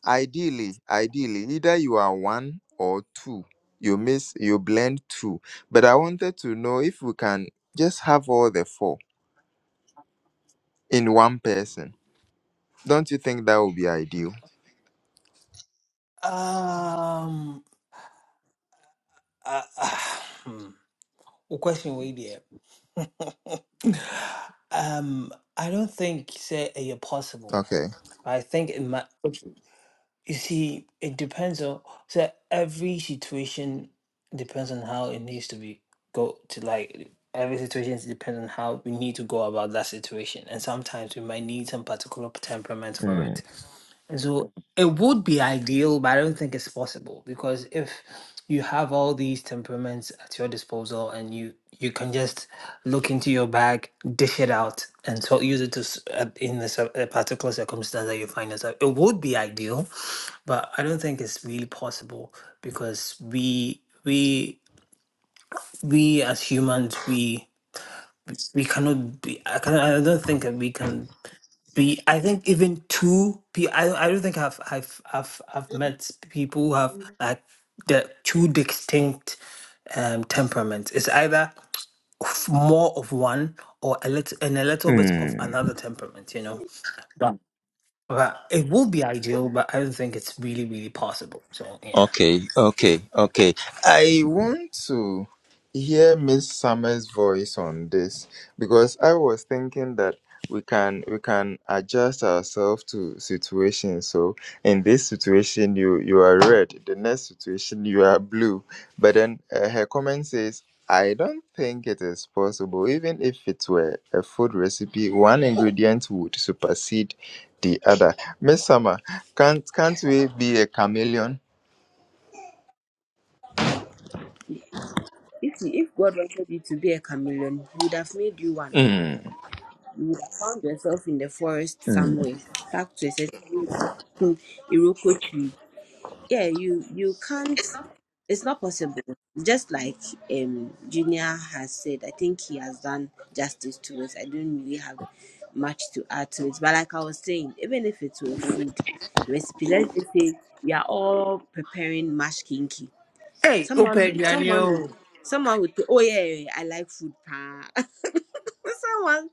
Ideally, ideally, either you are one or two. You miss, you blend two. But I wanted to know if we can just have all the four in one person. Don't you think that would be ideal?
Um, uh, uh, hmm. Well, question way there. Um, I don't think say it's possible.
Okay.
I think it might. Okay. You see, it depends on so every situation depends on how it needs to be go to like every situation depends on how we need to go about that situation, and sometimes we might need some particular temperament for it.
Mm.
So it would be ideal, but I don't think it's possible because if you have all these temperaments at your disposal and you you can just look into your bag, dish it out, and so use it to s- uh, in this uh, a particular circumstance that you find yourself. It would be ideal, but I don't think it's really possible because we we we as humans we we cannot be. I, can, I don't think that we can be I think even two people I, I don't think I've I've I've I've met people who have like the two distinct um temperaments. It's either f- more of one or a little and a little bit of
Mm.
another temperament, you know. But it would be ideal, but I don't think it's really, really possible. So yeah.
Okay, okay, okay. I want to hear Miss Summer's voice on this because I was thinking that we can we can adjust ourselves to situations. So in this situation, you you are red. The next situation, you are blue. But then uh, her comment says. I don't think it is possible, even if it were a food recipe, one ingredient would supersede the other. Miss Summer, can't can't we be a chameleon?
If, you- if God wanted you to be a chameleon, He would have made you one.
Mm,
You would have found yourself in the forest
mm,
somewhere, stuck to a certain Iroko tree. Yeah, you you can't. It's not possible. Just like um Junior has said, I think he has done justice to it. I don't really have much to add to it. But like I was saying, even if it's a food recipe, let's just say we are all preparing mashed kinky.
Hey, Ope
Someone, someone,
Daniel.
someone would say, "Oh yeah, yeah, yeah, I like food." pa." someone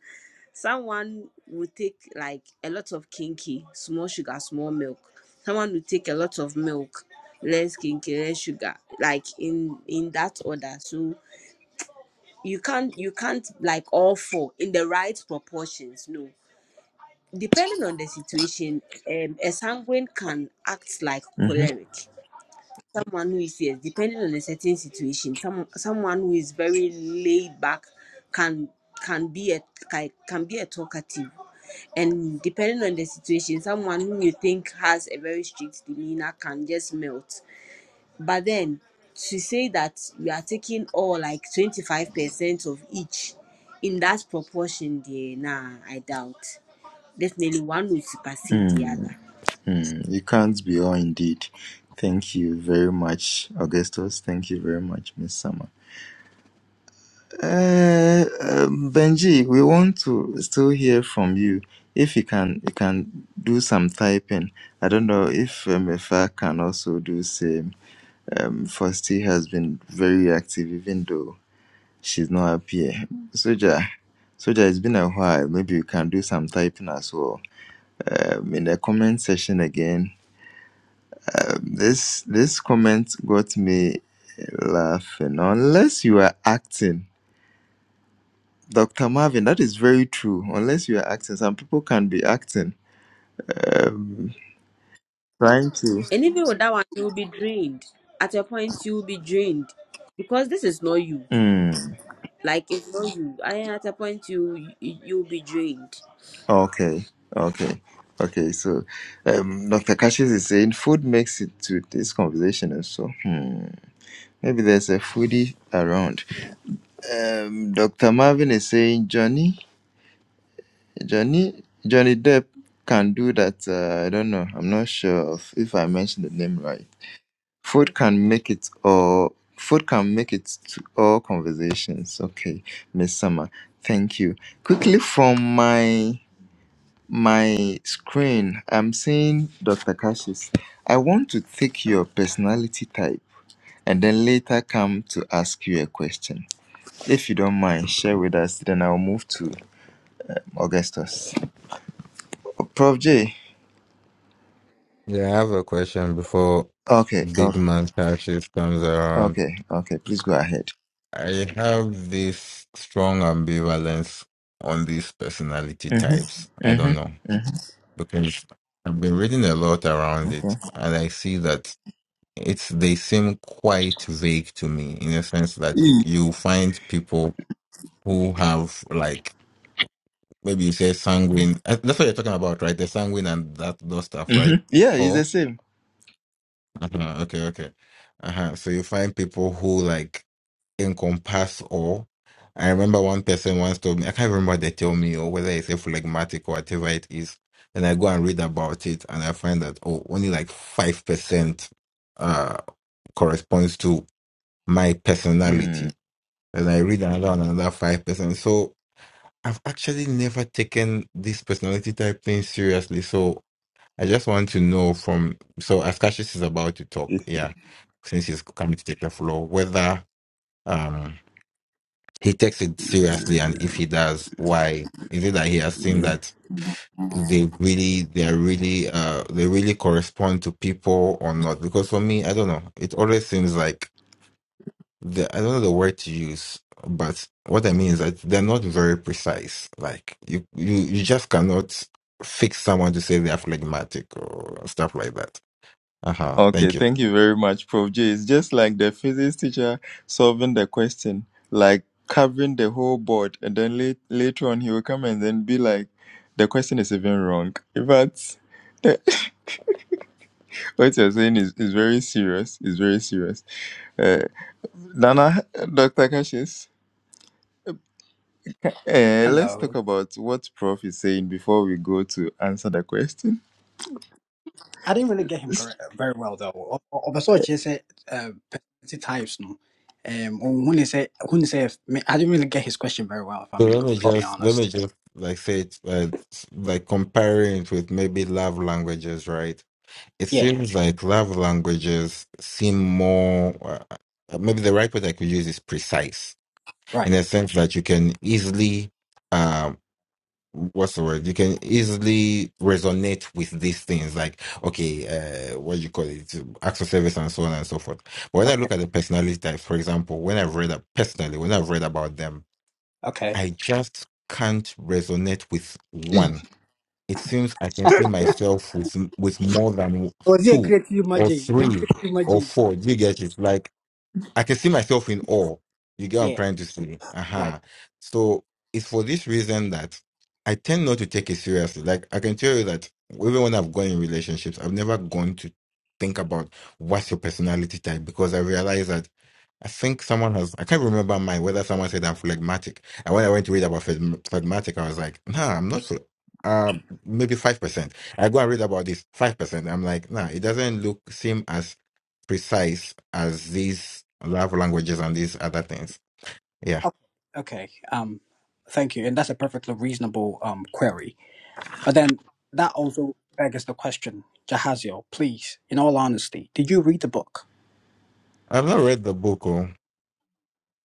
Someone will take like a lot of kinky, small sugar, small milk. Someone will take a lot of milk, less kinky, less sugar, like in in that order. So you can't you can't like all four in the right proportions. No, depending on the situation, um, a sanguine can act like
mhm,
choleric someone who is yes, depending on a certain situation, some someone who is very laid back can can be a can, can be a talkative. And depending on the situation, someone who you think has a very strict demeanor can just melt. But then to say that we are taking all like 25% of each in that proportion, there, nah, I doubt. Definitely one will supersede the
mm,
other.
mm. You can't be all indeed. Thank you very much, Augustus. Thank you very much, Miss Summer. Uh, um, Benji, we want to still hear from you. If you can, you can do some typing. I don't know if um, if I can also do same. Um, Fosti has been very active, even though she's not up here. Soja, Soja, it's been a while. Maybe you can do some typing as well. um, in the comment section again. Um, this this comment got me laughing. Unless you are acting, Doctor Marvin, that is very true. Unless you are acting, some people can be acting, um, trying to.
And even with that one, you will be drained. At a point, you will be drained because this is not you.
Mm,
Like it's not you. And at a point, you you you will be drained.
okay, okay, okay. So, um, Doctor Cassius is saying food makes it to this conversation, and so hmm, maybe there's a foodie around. Um, Doctor Marvin is saying Johnny. Johnny Johnny Depp can do that. Uh, I don't know. I'm not sure of if I mentioned the name right. Food can make it or Food can make it to all conversations. Okay, Miss Summer, thank you. Quickly from my my screen, I'm seeing Dr. Cassius. I want to take your personality type and then later come to ask you a question. If you don't mind, share with us. Then I'll move to Augustus. Prof J.
Yeah, I have a question before
Okay,
big
okay.
man shift comes around.
Okay, okay, please go ahead.
I have this strong ambivalence on these personality types.
Mm-hmm.
I don't know
Mm-hmm. Mm-hmm.
because I've been reading a lot around it,
Okay.
and I see that it's they seem quite vague to me in a sense that you
E.
you find people who have like maybe you say sanguine. uh, That's what you're talking about, right? The sanguine and that those stuff,
Mm-hmm.
right?
Yeah, it's
Or
the same.
Uh-huh. Okay, okay. Uh-huh. So you find people who like encompass all. I remember one person once told me, I can't remember what they tell me or whether it's a phlegmatic or whatever it is. Then I go and read about it and I find that oh only like five percent uh corresponds to my
Mm.
personality. And I read another one, another five percent. So I've actually never taken this personality type thing seriously. So I just want to know from so as Cassius is about to talk, yeah, since he's coming to take the floor, whether um he takes it seriously and if he does, why? Is it that he has seen
Mm.
that they really they're really uh they really correspond to people or not? Because for me, I don't know. It always seems like the I don't know the word to use, but what I mean is that they're not very precise. Like you you, you just cannot fix someone to say they're phlegmatic or stuff like that uh-huh.
Okay,
Thank you.
thank you very much, Prof. J. It's just like the physics teacher solving the question, like covering the whole board, and then late, later on he will come and then be like, the question is even wrong. In fact, what you're saying is, is very serious. It's very serious. Uh, Nana, Dr. Kashis. Eh, let's
hello.
talk about what Prof is saying before we go to answer the question.
I didn't really get him correct very well though. Obaso Ochi said um, personality types no. Um, when he said when he said I didn't really get his question very well. If I'm
So
being
let me
Oh.
completely
just let me
honest.
just like say it uh, like comparing it with maybe love languages, right? It
Yeah.
seems like love languages seem more uh, maybe the right word I could use is precise in
Right.
a sense that you can easily um what's the word? You can easily resonate with these things like okay, uh what do you call it? Acts of service and so on and so forth. But when I
Okay.
look at the personality types, for example, when I've read up personally, when I've read about them
Okay.
I just can't resonate with
eh.
one. It seems I can see myself with with more than
Was he a
two
creative
or
magic? A creative
three or
magic.
four. Do You get it? Like I can see myself in awe. You get what I'm
Yeah.
trying to say?
Right.
Uh-huh. So it's for this reason that I tend not to take it seriously. Like I can tell you that even when I've gone in relationships, I've never gone to think about what's your personality type because I realize that I think someone has I can't remember mine whether someone said I'm phlegmatic. And when I went to read about phleg- phlegmatic, I was like, nah, I'm not phle- uh maybe five percent. I go and read about this five percent. I'm like, nah, it doesn't look seem as precise as these love languages and these other things. Yeah.
Okay. Okay. Um, thank you. And that's a perfectly reasonable um query. But then that also begs the question, Jahazio, please, in all honesty, did you read the book?
I've not read the book. Oh.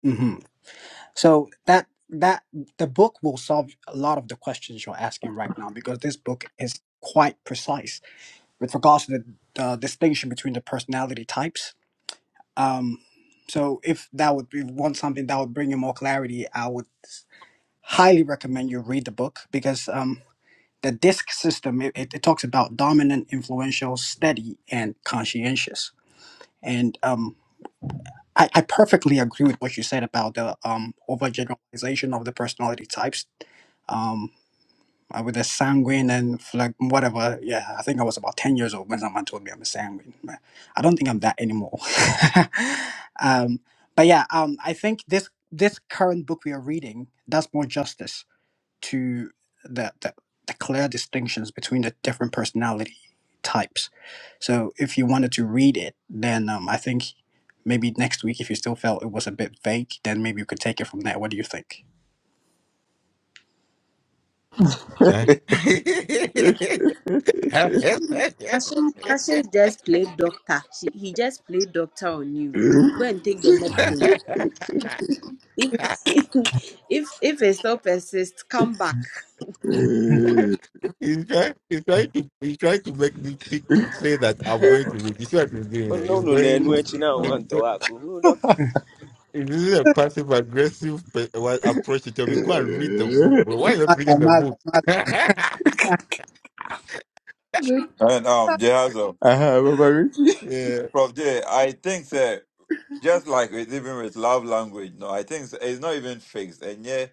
Mm-hmm. So that that the book will solve a lot of the questions you're asking right now because this book is quite precise with regards to the uh, distinction between the personality types. Um, so if that would be want something that would bring you more clarity, I would highly recommend you read the book because um, the disc system it, it, it talks about dominant, influential, steady, and conscientious. And um, I, I perfectly agree with what you said about the um, overgeneralization of the personality types um, I was a sanguine and phleg- whatever. Yeah, I think I was about 10 years old when someone told me I'm a sanguine. But I don't think I'm that anymore. um, but yeah, um, I think this this current book we are reading does more justice to the, the, the clear distinctions between the different personality types. So if you wanted to read it, then um, I think maybe next week if you still felt it was a bit vague, then maybe you could take it from there. What do you think?
Eh?
Cassius Cassius just played doctor. She, he just played doctor on you. Go and take the medicine. If if if it still persists, come back.
he's, trying, he's, trying to, he's trying to make me think, say that I'm going to read. You see what he's doing? eh? He's going. He's
Mm.
go- if this is a passive aggressive pe- what approach to tell me, go and read the book, bro. Why are you not
Mother,
reading the
mother,
book?
mother.
And um, Jehazel,
uh-huh, Baba Richie.
yeah.
Prof J, I think that just like with even with love language, no, I think it's, it's not even fixed, and yeah,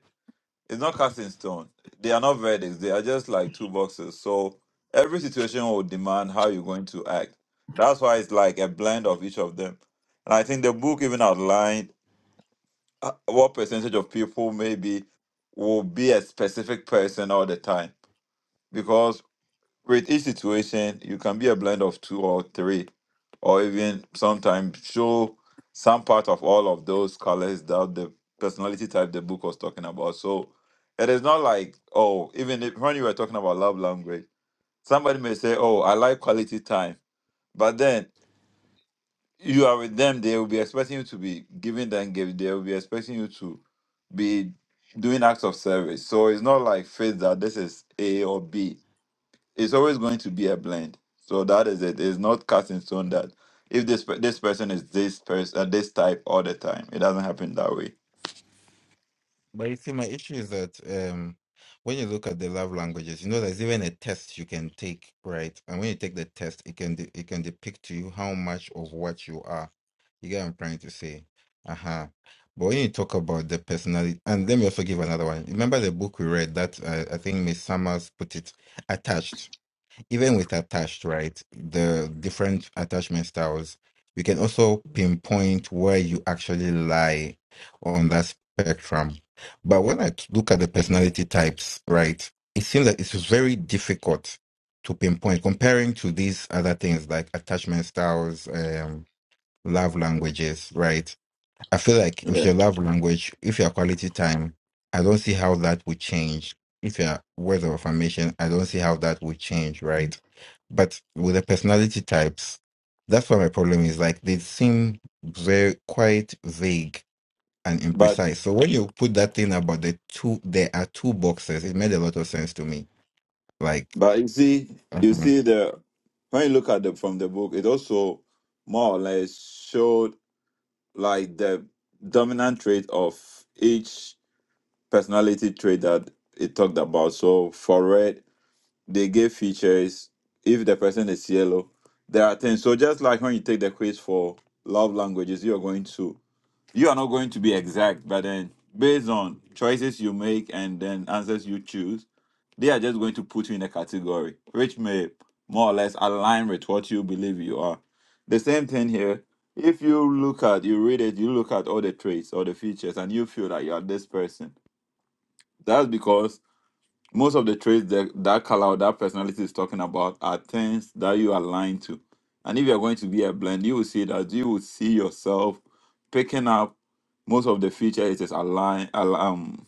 it's not cast in stone. They are not verdicts; they are just like two boxes. So every situation will demand how you're going to act. That's why it's like a blend of each of them. And I think the book even outlined uh, what percentage of people maybe will be a specific person all the time, because with each situation, you can be a blend of two or three, or even sometimes show some part of all of those colors that the personality type the book was talking about. So it is not like, oh, even if, when you were talking about love language, somebody may say, oh, I like quality time. But then you are with them, they will be expecting you to be giving them gifts, they will be expecting you to be doing acts of service. So it's not like faith that this is A or B it's always going to be a blend. So that is it. It's not cast in stone that if this pe- this person is this person uh, this type all the time. It doesn't happen that way.
But you see, my issue is that um, when you look at the love languages, you know there's even a test you can take, right? And when you take the test, it can de- it can depict to you how much of what you are. You get what I'm trying to say? Uh-huh. But when you talk about the personality, and let me also give another one. Remember the book we read that uh, I think Miss Summers put it attached even with attached, right? The different attachment styles, we can also pinpoint where you actually lie on that spectrum. But when I t- look at the personality types, right, it seems that it's very difficult to pinpoint comparing to these other things like attachment styles, um, love languages, right? I feel like with
Yeah.
your love language, if your quality time, I don't see how that would change. If your words of affirmation, I don't see how that would change, right? But with the personality types, that's what my problem is. Like they seem very quite vague and
But
imprecise. So when you put that thing about the two, there are two boxes. It made a lot of sense to me. Like,
but you see you
mm-hmm,
see the when you look at the from the book, it also more or less showed like the dominant trait of each personality trait that it talked about. So for red, they give features if the person is yellow there are things so just like when you take the quiz for love languages you are going to you are not going to be exact but then based on choices you make and then answers you choose they are just going to put you in a category which may more or less align with what you believe you are the same thing here if you look at you read it you look at all the traits or the features and you feel that you are this person that's because most of the traits that that color or that personality is talking about are things that you align to. And if you're going to be a blend, you will see that you will see yourself picking up most of the features it is aligned um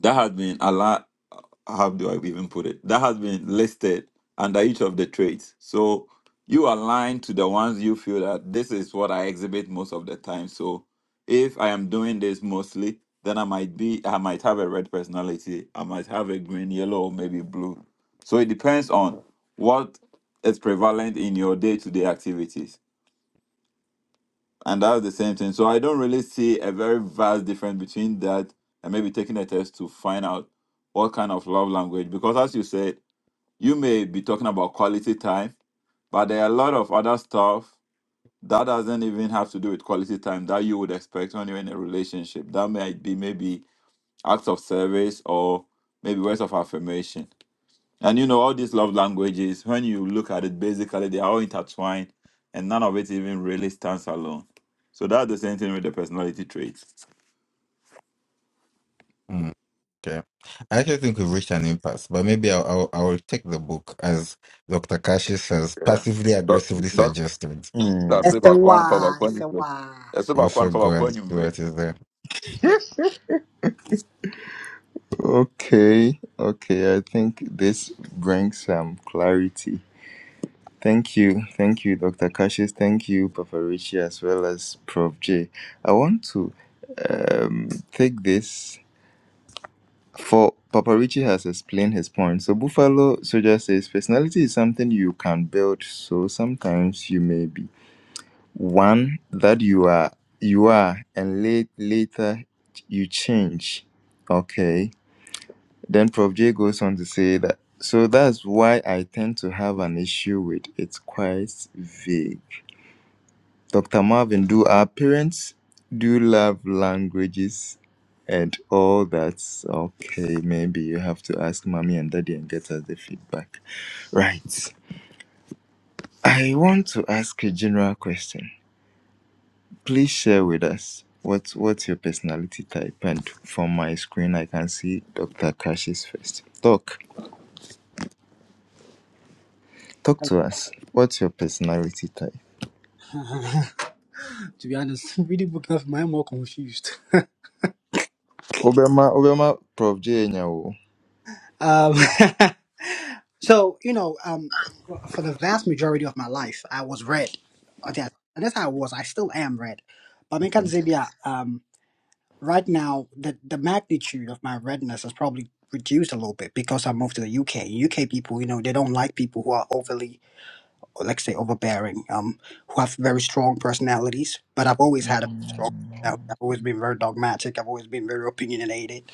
that has been aligned how do I even put it? That has been listed under each of the traits. So you align to the ones you feel that this is what I exhibit most of the time. So if I am doing this mostly, then I might be I might have a red personality. I might have a green, yellow, or maybe blue. So it depends on what is prevalent in your day-to-day activities. And that's the same thing. So I don't really see a very vast difference between that and maybe taking a test to find out what kind of love language because as you said you may be talking about quality time, but there are a lot of other stuff that doesn't even have to do with quality time that you would expect when you're in a relationship. That might be maybe acts of service or maybe words of affirmation. And you know, all these love languages, when you look at it, basically they are all intertwined and none of it even really stands alone. So that's the same thing with the personality traits.
mm-hmm. Okay. I actually think we've reached an impasse, but maybe I'll, I'll, I'll take the book as Dr. Kashi says,
Yeah.
passively
Doc-
aggressively
Doctor,
suggested.
Hmm,
It's
say
the
back one for
why.
back
It's
one.
the why.
Say back
Also
one for
go and see what is there.
Okay, okay. I think this brings some clarity. Thank you, thank you, Dr. Cassius. Thank you, Papa Richie, as well as Prof J. I want to um, take this. For Paparucci has explained his point. So Buffalo Soldier says personality is something you can build. So sometimes you may be one that you are you are and late, later you change. Okay. Then Prof J goes on to say that so that's why I tend to have an issue with it's quite vague. Dr. Marvin, do our parents do love languages and all that? Okay, maybe you have to ask mommy and daddy and get us the feedback. Right. I want to ask a general question. Please share with us what what's your personality type. And from my screen, I can see Dr. Kash's first. Doc, talk to us. What's your personality type?
to be honest, reading book now, I'm more confused.
Obama, Obama, Prof. J. Nyawo.
um, So you know, um, for the vast majority of my life, I was red. Uh, That and that's how I was. I still am red. But in
Okay,
Zambia, um, right now, the the magnitude of my redness has probably reduced a little bit because I moved to the UK. UK people, you know, they don't like people who are overly, or let's say, overbearing, um, who have very strong personalities. But I've always had a strong. personality. I've always been very dogmatic. I've always been very opinionated.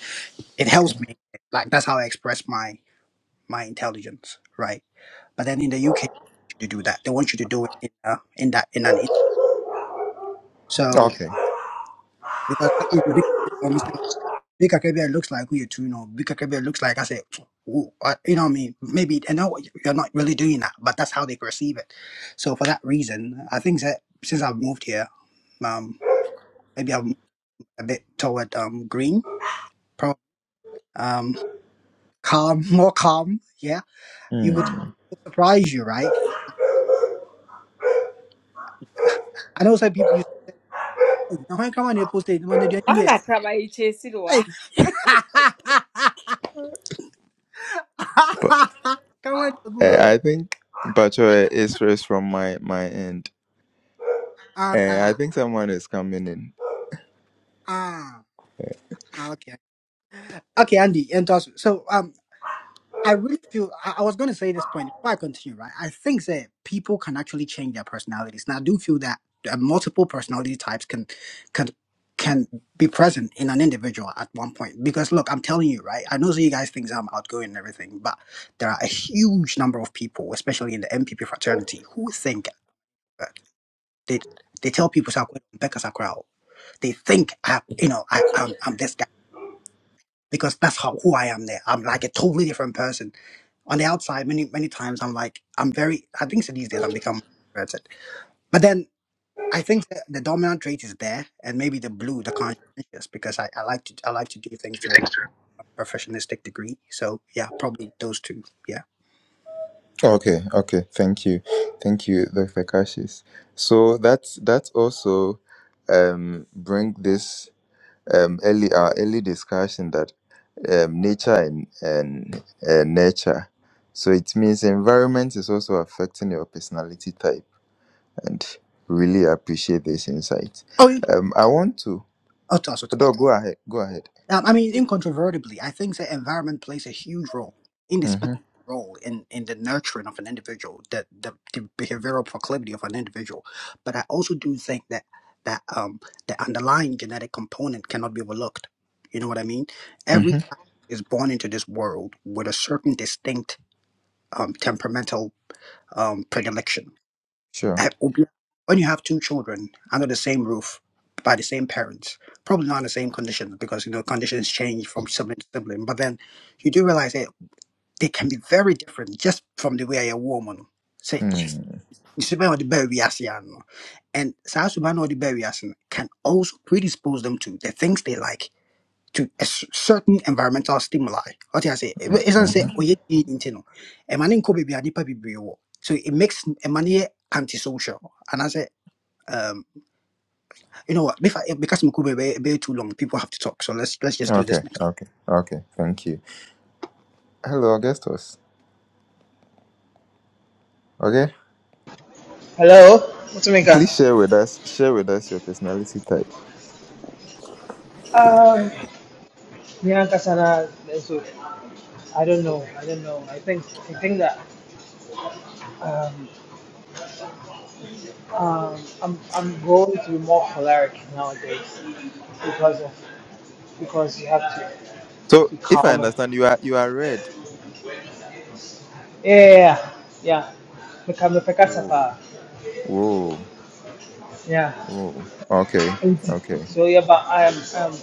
It
okay,
helps me. Like that's how I express my my intelligence, right? But then in the UK, they want you to do that. They want you to do it in uh, in that in an in. So
okay.
because I think Big Akebia so Big Akebia looks like who you two know. Big Akebia looks like I said, who- uh, you know what I mean? Maybe I know you're not really doing that, but that's how they perceive it. So for that reason, I think that since I've moved here, um, maybe I'm a bit toward um green, probably um calm, more calm. Yeah, you would it
Hmm.
would surprise you, right? I know some people you. say, "Oh, How come on your post it? When they do
I'm
it?"
not crying.
Hey. Come on,
Uh,
Gusu.
I think Bacho is is from my my end.
Ah,
Uh, I
ah,
think someone is coming in.
ah, ah, okay. Okay, Andy, and also, so um, I really feel I, I was going to say this point before I continue, right? I think that people can actually change their personalities, and I do feel that uh, multiple personality types can can can be present in an individual at one point. Because look, I'm telling you, right? I know that you guys think that I'm outgoing and everything, but there are a huge number of people, especially in the MPP fraternity, who think. uh, They they tell people Sakwet Mbeka Sakrao. They think I you know I I'm, I'm this guy because that's how who I am there. I'm like a totally different person on the outside. Many many times I'm like I'm very I think so these days I'm become introverted. But then I think the, the dominant trait is there and maybe the blue the conscientious because I, I like to I like to do things to a professionalistic degree. So yeah, probably those two. Yeah.
Okay, okay. Thank you, thank you, Dr. Kashis. So that's that's also um bring this um early our early discussion that um nature and and uh, nature. So it means environment is also affecting your personality type, and really appreciate this insight.
Oh, yeah.
Um, I want to.
Oh, toss,
Odo, go ahead. Go ahead.
Um, I mean, incontrovertibly, I think the environment plays a huge role, indispensable
Mm-hmm.
role in, in the nurturing of an individual, the, the the behavioral proclivity of an individual. But I also do think that that um the underlying genetic component cannot be overlooked. You know what I mean? Every child is born into this world with a certain distinct um, temperamental um, predilection
Sure.
Eh, obi- When you have two children under the same roof by the same parents, probably not in the same conditions because you know conditions change from sibling to sibling. But then you do realize that they can be very different just from the way a woman say.
Mm,
Superman or the baby as you are, no? and South Sudan or the baby as in can also predispose them to the things they like to a s- certain environmental stimuli. What I say,
mm,
it isn't say
mhm.
"Oye, yeah, yeah, yeah, no. A man in Kobe be a deeper be So it makes a man antisocial. And I say. Um, you know what? Before because Mukube way, way too long, people have to talk. So let's let's just do
Okay,
this next.
okay, okay. Thank you. Hello, Augustus. Okay,
Hello,
please
Utumika.
share with us. Share with us your personality type.
Um, Nyanka Sana, I don't know, I don't know. I think, I think that. um, Um, I'm I'm going to be more choleric nowadays because of because you have to
So,
be
if I
calmer.
understand, you are you are red.
Yeah, yeah, yeah. Yeah. Meka mepeka
Whoa,
sapa.
whoa,
Yeah.
whoa. Okay,
Nti
okay,
so yeah, but I am um.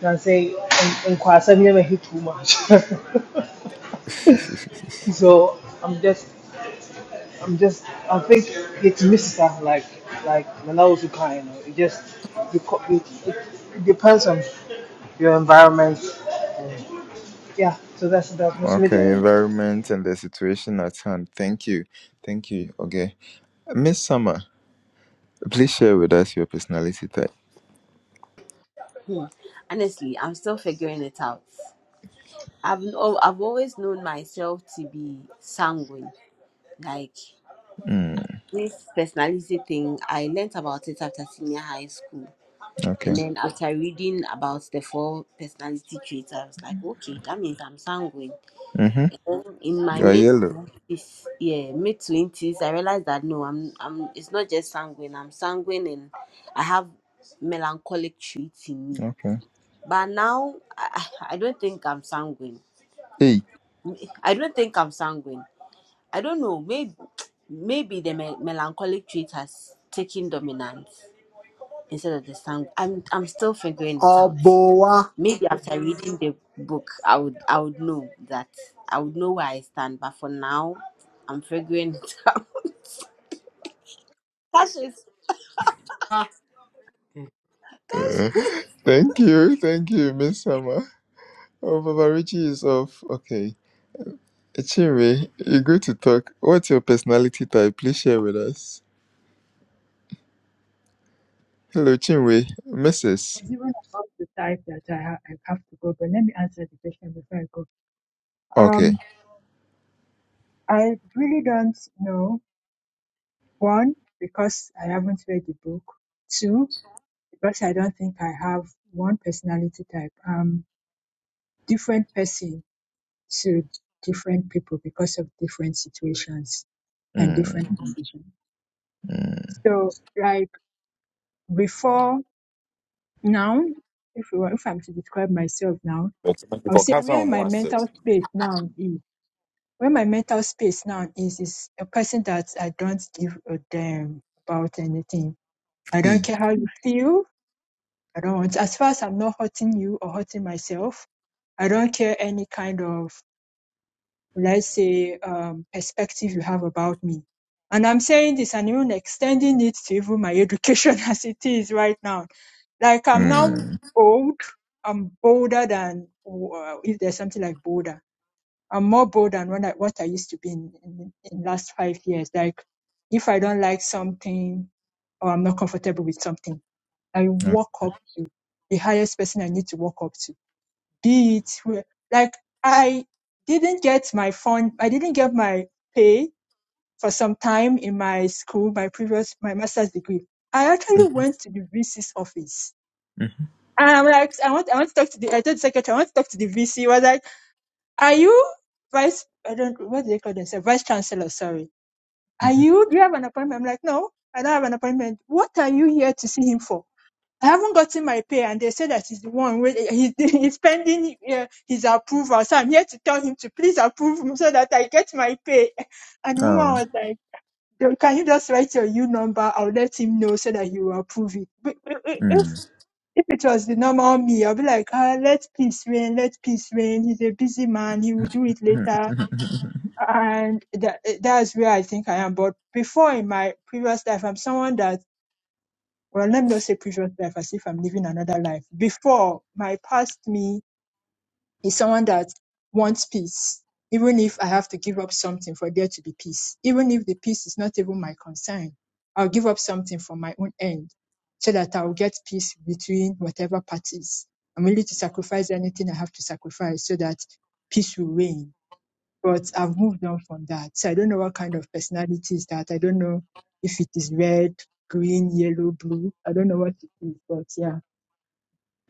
Can say in Kwasa never hit too much. so I'm just I'm just I think it's Mister like like when I was a kind. It just beco- it, it, it depends on your environment Yeah, so that's that's most
okay.
media.
Environment and the situation at hand. Thank you, thank you. Okay, Miss Summer, please share with us your personality type.
Honestly, I'm still figuring it out. I've oh, I've always known myself to be sanguine. Like.
Mm,
this personality thing, I learnt about it after senior high school.
okay.
And then after reading about the four personality traits, I was like, okay, that means I'm sanguine.
Mhm.
And then in my
You are
mid
yellow.
twenties, yeah, mid twenties, I realized that no, I'm I'm it's not just sanguine, I'm sanguine and I have melancholic traits in me.
Okay.
But now I, I don't think I'm sanguine.
Hey,
I don't think I'm sanguine. I don't know, maybe maybe the me- melancholic trait has taken dominance instead of the sound. I'm I'm still figuring it
Oh,
out. Maybe after reading the book, I would I would know that I would know where I stand. But for now, I'm figuring it out. Cassius,
Uh,
Cassius.
Thank you, thank you, Miss Summer. Oh, Baba Richie is off. Okay. Chinwe, you're good to talk. What's your personality type? Please share with us. Hello, Chinwe. Mrs.
was even about the type that I, ha- I have to go, but let me answer the question before I go.
Okay.
Um, I really don't know. One, because I haven't read the book. Two, because I don't think I have one personality type. I'm different person to different people because of different situations and
Mm,
different conditions.
mm,
So, like before now, if you want, if I'm to describe myself now, I would say where my mental space now is. Where my mental space now is, is a person that I don't give a damn about anything. I don't
e.
care how you feel. I don't want, as far as I'm not hurting you or hurting myself, I don't care any kind of, let's say, um, perspective you have about me. And I'm saying this and even extending it to even my education as it is right now. Like I'm now
Mm.
old, I'm bolder than, uh, if there's something like bolder. I'm more bold than when I, what I used to be in, in, in last five years. Like if I don't like something or I'm not comfortable with something, I
mm,
walk up to the highest person I need to walk up to. Be it who- like I didn't get my fund, I didn't get my pay for some time in my school, my previous, my master's degree. I actually
mhm,
went to the VC's office.
mhm,
And I'm like, I want, I want to talk to the, I told the secretary, I want to talk to the VC. was like, are you vice? I don't. What do they call themselves? Vice chancellor. Sorry. Are
mhm.
you? Do you have an appointment? I'm like, no, I don't have an appointment. What are you here to see him for? I haven't gotten my pay, and they say that he's the one. With, he's, he's pending uh, his approval, so I'm here to tell him to please approve him so that I get my pay. And the woman
Oh.
was like, "Yo, "Can you just write your U number? I'll let him know so that he will approve it." But i- i- if
Mm.
if it was the normal me, I'll be like, ah, let peace reign, let peace reign. He's a busy man. He will do it
mhm,
later
mhm.
and that, that's where I think I am. But before in my previous life, I'm someone that, well, let me not say previous life as if I'm living another life. Before, my past me is someone that wants peace, even if I have to give up something for there to be peace. Even if the peace is not even my concern, I'll give up something for my own end so that I'll get peace between whatever parties. I'm willing to sacrifice anything I have to sacrifice so that peace will reign but I've moved on from that. So I don't know what kind of personality is that. I don't know if it is red, green, yellow, blue. I don't know what it is, but yeah.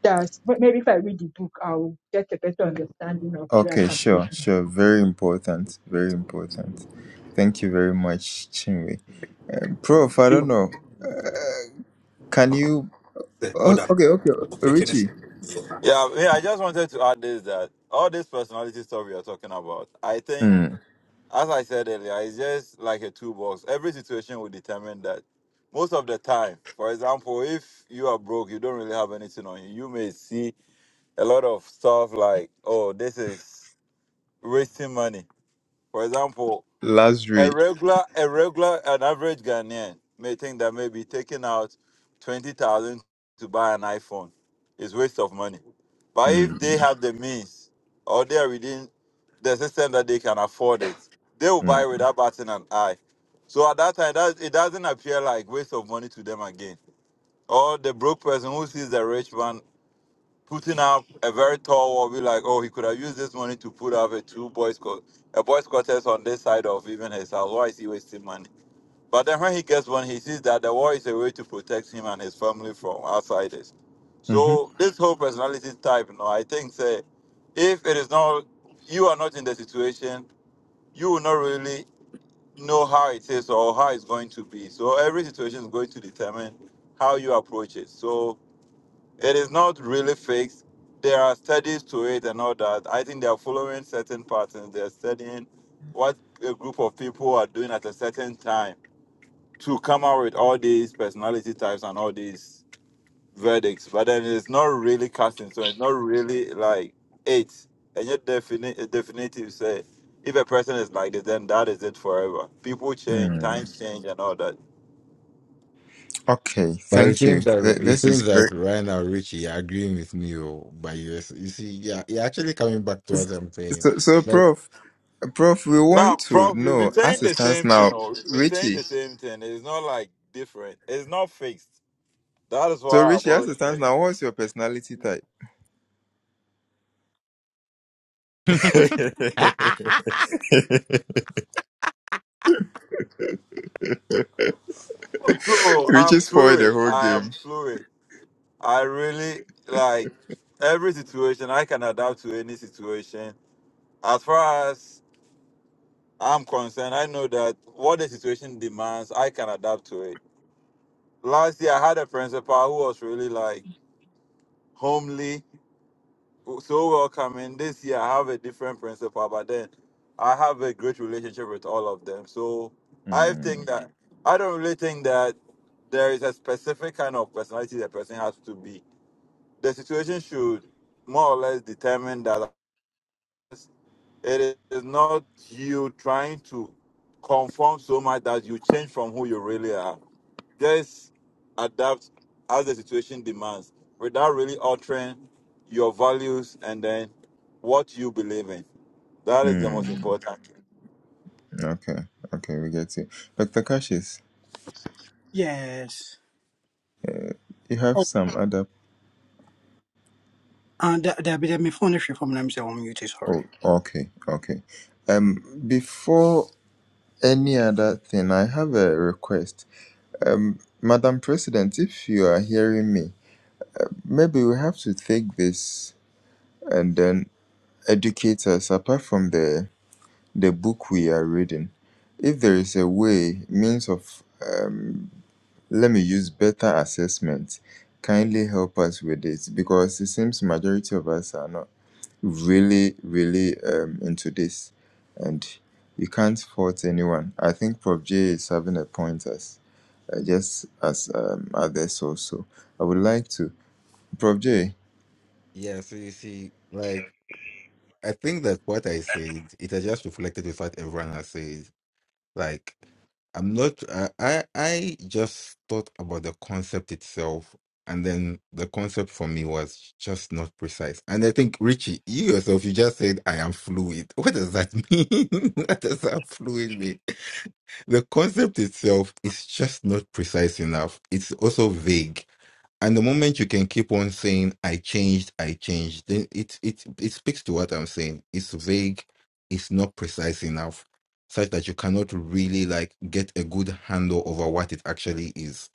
That's, but maybe if I read the book, I'll get a better understanding of where I
Okay,
can put it.
sure, sure. Very important, very important. Thank you very much, Chinwe. Prof, I don't know. Can you? Oh, okay, okay. Richie.
Yeah, yeah, I just wanted to add this that all this personality stuff we are talking about, I think,
Mm,
as I said earlier, it's just like a toolbox. Every situation will determine that. Most of the time, for example, if you are broke, you don't really have anything on you, you may see a lot of stuff like, oh, this is wasting money. For example, a
luxury.
regular, a regular, an average Ghanaian may think that maybe taking out twenty thousand to buy an iPhone is waste of money. But if they
Mm,
have the means or they are within the system that they can afford it, they will
mm,
buy without batting an eye. So at that time, that, it doesn't appear like waste of money to them again. Or the broke person who sees the rich man putting up a very tall wall, be like, oh, he could have used this money to put up a two boys court, a boys quarters on this side of even his house. Why is he wasting money? But then when he gets one, he sees that the war is a way to protect him and his family from outsiders.
mhm,
So this whole personality type, no, I think say, if it is not you are not in the situation, you will not really know how it is or how it's going to be. So every situation is going to determine how you approach it. So it is not really fixed. There are studies to it and all that. I think they are following certain patterns. They are studying what a group of people are doing at a certain time to come out with all these personality types and all these verdicts. But then it's not really casting, so it's not really like it. And yet, definite, definitive say if a person is like this, then that is it forever. People change,
mm.
times change, and all that.
Okay,
But it
thank
seems
you.
that
Th-
it
This is
seems that
great.
right now, Richie, you're agreeing with me, oh, but you you see, yeah, you're actually coming back to what I'm saying.
So, so,
Like,
Prof, Prof, we
Now,
want to
Prof, we've
know
been saying
as it
the
stands
same thing,
now,
or we've been saying
Richie.
the same thing. It's not like different. It's not fixed. That is
So,
why I've
Richie, as it
always
stands
said.
now, what's your personality type?
ah,
Oh, True. oh, I'm
Richie spoiled the
fluid.
whole
I
game.
am fluid. I really like every situation. I can adapt to any situation. As far as I'm concerned, I know that what the situation demands, I can adapt to it. Last year, I had a principal who was really like homely. so welcome. And this year, I have a different principal, but then I have a great relationship with all of them. So I think
Mm,
that I don't really think that there is a specific kind of personality the person has to be. The situation should more or less determine that. It is not you trying to conform so much that you change from who you really are. Just adapt as the situation demands without really altering your values and then what you believe in. That is the most
mm,
important. thing.
okay, okay, we get you, Doctor Cassius.
yes.
You have
Oh,
some other.
And uh, there be there be phone issue from them say on mute sorry.
Oh, okay, okay. Um, before. Any other thing? I have a request. Um, Madam President, if you are hearing me, maybe we have to take this and then educate us apart from the, the book we are reading. If there is a way, means of, um, let me use better assessment, kindly help us with it because it seems majority of us are not really, really um, into this and you can't fault anyone. I think Prof J is having a point as. uh, just as um, others also. I would like to, Prof. J.
yeah. So you see, like, I think that what I said, it has just reflected with what everyone has said. Like, I'm not. I I I just thought about the concept itself, and then the concept for me was just not precise. And I think Richie, you yourself, you just said I am fluid. What does that mean? what does that fluid mean? The concept itself is just not precise enough. It's also vague. And the moment you can keep on saying "I changed, I changed," then it it it speaks to what I'm saying. It's vague, it's not precise enough, such that you cannot really like get a good handle over what it actually is.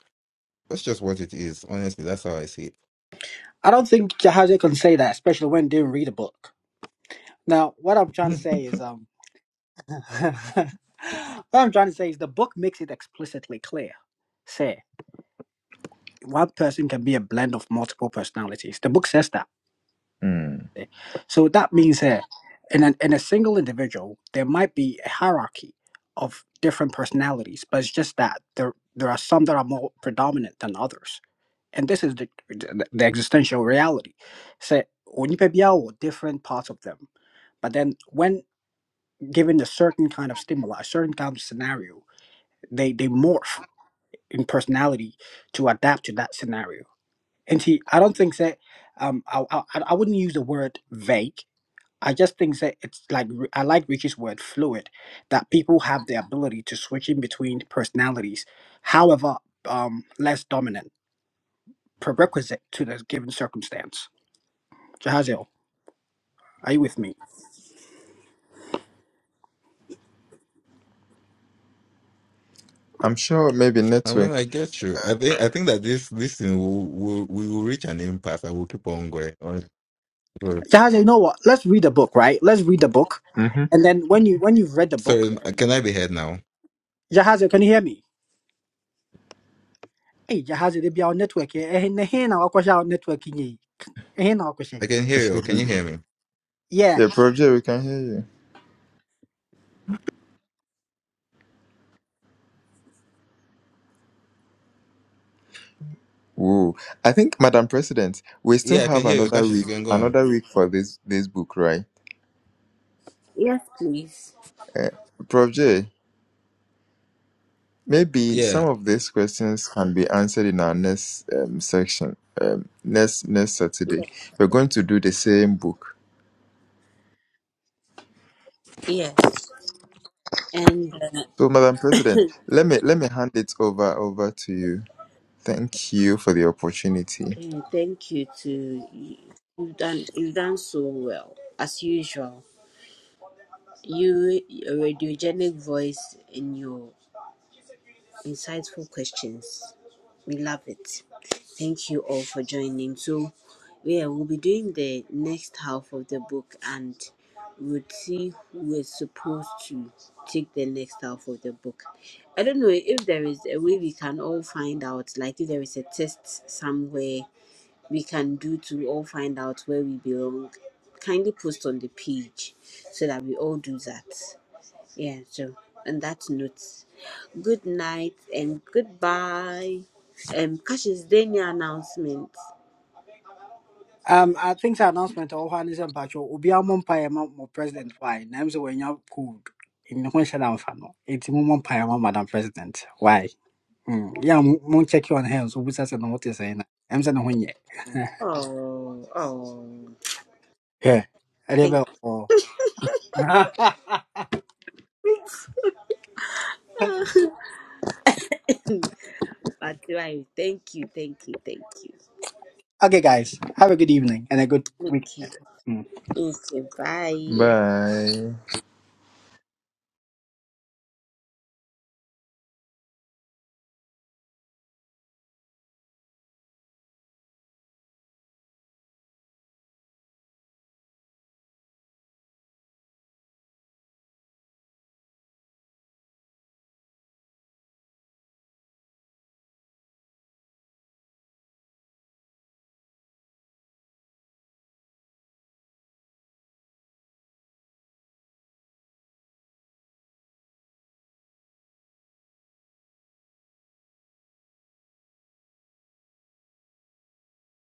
That's just what it is. Honestly, that's how I see it.
I don't think Jahaziel can say that, especially when they didn't read a book. Now, what I'm trying to say is, um, what I'm trying to say is the book makes it explicitly clear. Say, one person can be a blend of multiple personalities. The book says that.
Mm.
So that means that in, an, in a single individual, there might be a hierarchy of different personalities, but it's just that there, there are some that are more predominant than others. And this is the, the, the existential reality. Say, onipa biara wɔ different parts of them. But then when given a certain kind of stimuli, a certain kind of scenario, they, they morph in personality to adapt to that scenario. And see, I don't think that um, I, I, I wouldn't use the word vague I just think that it's like I like Richie's word fluid, that people have the ability to switch in between personalities, however, um, less dominant, prerequisite to the given circumstance. Jahaziel, are you with me?
I'm sure maybe
I mean,
network.
I get you. I think I think that this this thing will will we will reach an impasse and we'll keep on going. Honestly.
Jahaziel, you know what? Let's read the book, right? Let's read the book,
hmm
and then when you when you've read the book,
Sorry, can I be heard now?
Jahaziel, can you hear me? Hey, Jahaziel, they be our network. yeah? Eh, eh, nah, eh, nah, wakwa sha our network. eh, eh, nah, wakwa sha.
I can hear you. Can you hear me?
Yeah.
Yeah, Prof. J, we can hear you. Whoa! I think, Madam President, we still
Yeah, I can
have
hear you.
another
Cassius, you
week,
can go on.
another week for this this book, right?
Yes, please.
Uh, Prof. J, maybe
Yeah.
some of these questions can be answered in our next um, section, um, next next Saturday.
Ye-
We're going to do the same book.
Yes, and uh,
So, Madam President, let me let me hand it over over to you Thank you for the opportunity.
uh, thank you to you- you've done you've done so well as usual. You a radiogenic voice in your insightful questions. We love it. Thank you all for joining. So, yeah, we'll be doing the next half of the book and we'll see who is supposed to take the next half of the book. I don't know if there is a way we can all find out, like if there is a test somewhere we can do to all find out where we belong. Kindly post on the page so that we all do that. Yeah, so on that note, Good night and goodbye. Um Cash is any announcement.
Um, I think the announcement of Juan Mpacho will be a mumpire more president. Why? Names were not cool in the Hunsha Fano. It's mumpire, Madam President. Why? Mm. Yeah, moon check your hands. Who says and what is saying? I'm saying, when yet.
Oh oh
Yeah, a
thank
rebel.
you. But right. thank you, thank you, thank you.
okay, guys, have a good evening and a good week.
Okay.
Hmm.
Okay, bye.
Bye.